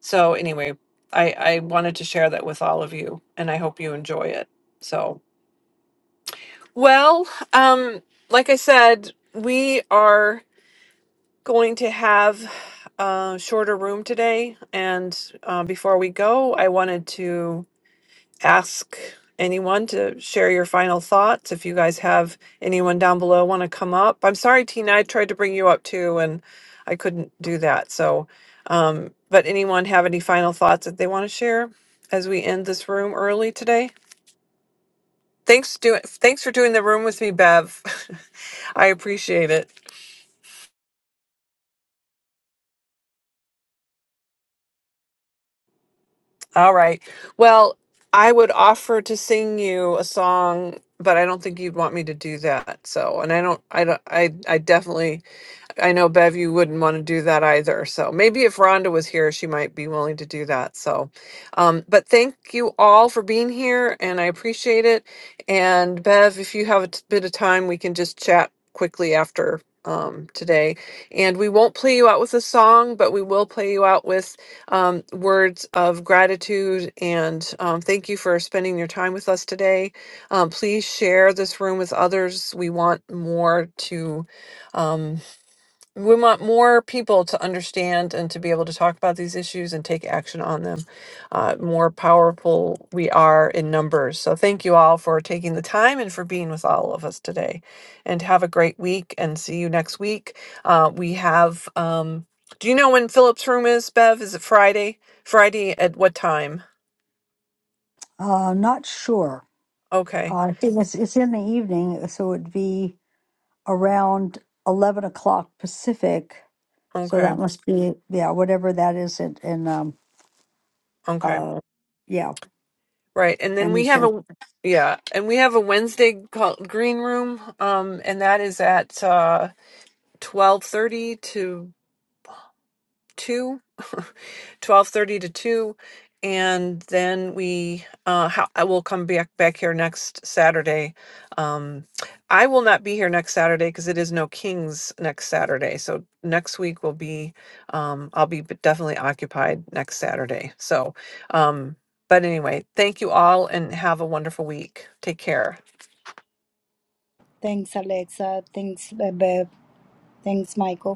So, anyway, I I wanted to share that with all of you, and I hope you enjoy it. So, well, um, like I said, we are going to have a shorter room today. And uh, before we go, I wanted to ask anyone to share your final thoughts. If you guys have anyone down below want to come up, I'm sorry, Tina, I tried to bring you up too, and I couldn't do that. So, um, but anyone have any final thoughts that they want to share as we end this room early today? Thanks, do, thanks for doing the room with me, Bev. I appreciate it. All right. Well, I would offer to sing you a song, but I don't think you'd want me to do that. So, and I don't, I don't, I, I definitely I know Bev, you wouldn't want to do that either. So maybe if Rhonda was here, she might be willing to do that. So, um, but thank you all for being here and I appreciate it. And Bev, if you have a t- bit of time, we can just chat quickly after um today and we won't play you out with a song but we will play you out with um words of gratitude and um thank you for spending your time with us today um please share this room with others we want more to um we want more people to understand and to be able to talk about these issues and take action on them. Uh, more powerful we are in numbers. So, thank you all for taking the time and for being with all of us today. And have a great week and see you next week. Uh, we have, um, do you know when Philip's room is, Bev? Is it Friday? Friday at what time?
Uh, I'm not sure.
Okay,
Uh, it was, it's in the evening, so it'd be around 11 o'clock Pacific. So
okay,
that must be, yeah, whatever that is in, in um,
okay.
uh, yeah,
Right. And then we have
Anderson.
a, yeah, and we have a Wednesday called Green Room, um, and that is at, uh, 12:30 to 2, twelve thirty to 2 and then we uh how, I will come back back here next Saturday. Um I will not be here next Saturday cuz it is no kings next Saturday. So next week will be um I'll be b- definitely occupied next Saturday. So um but anyway, thank you all and have a wonderful week. Take care.
Thanks, Alexa. Thanks, Beb. Thanks, Michael.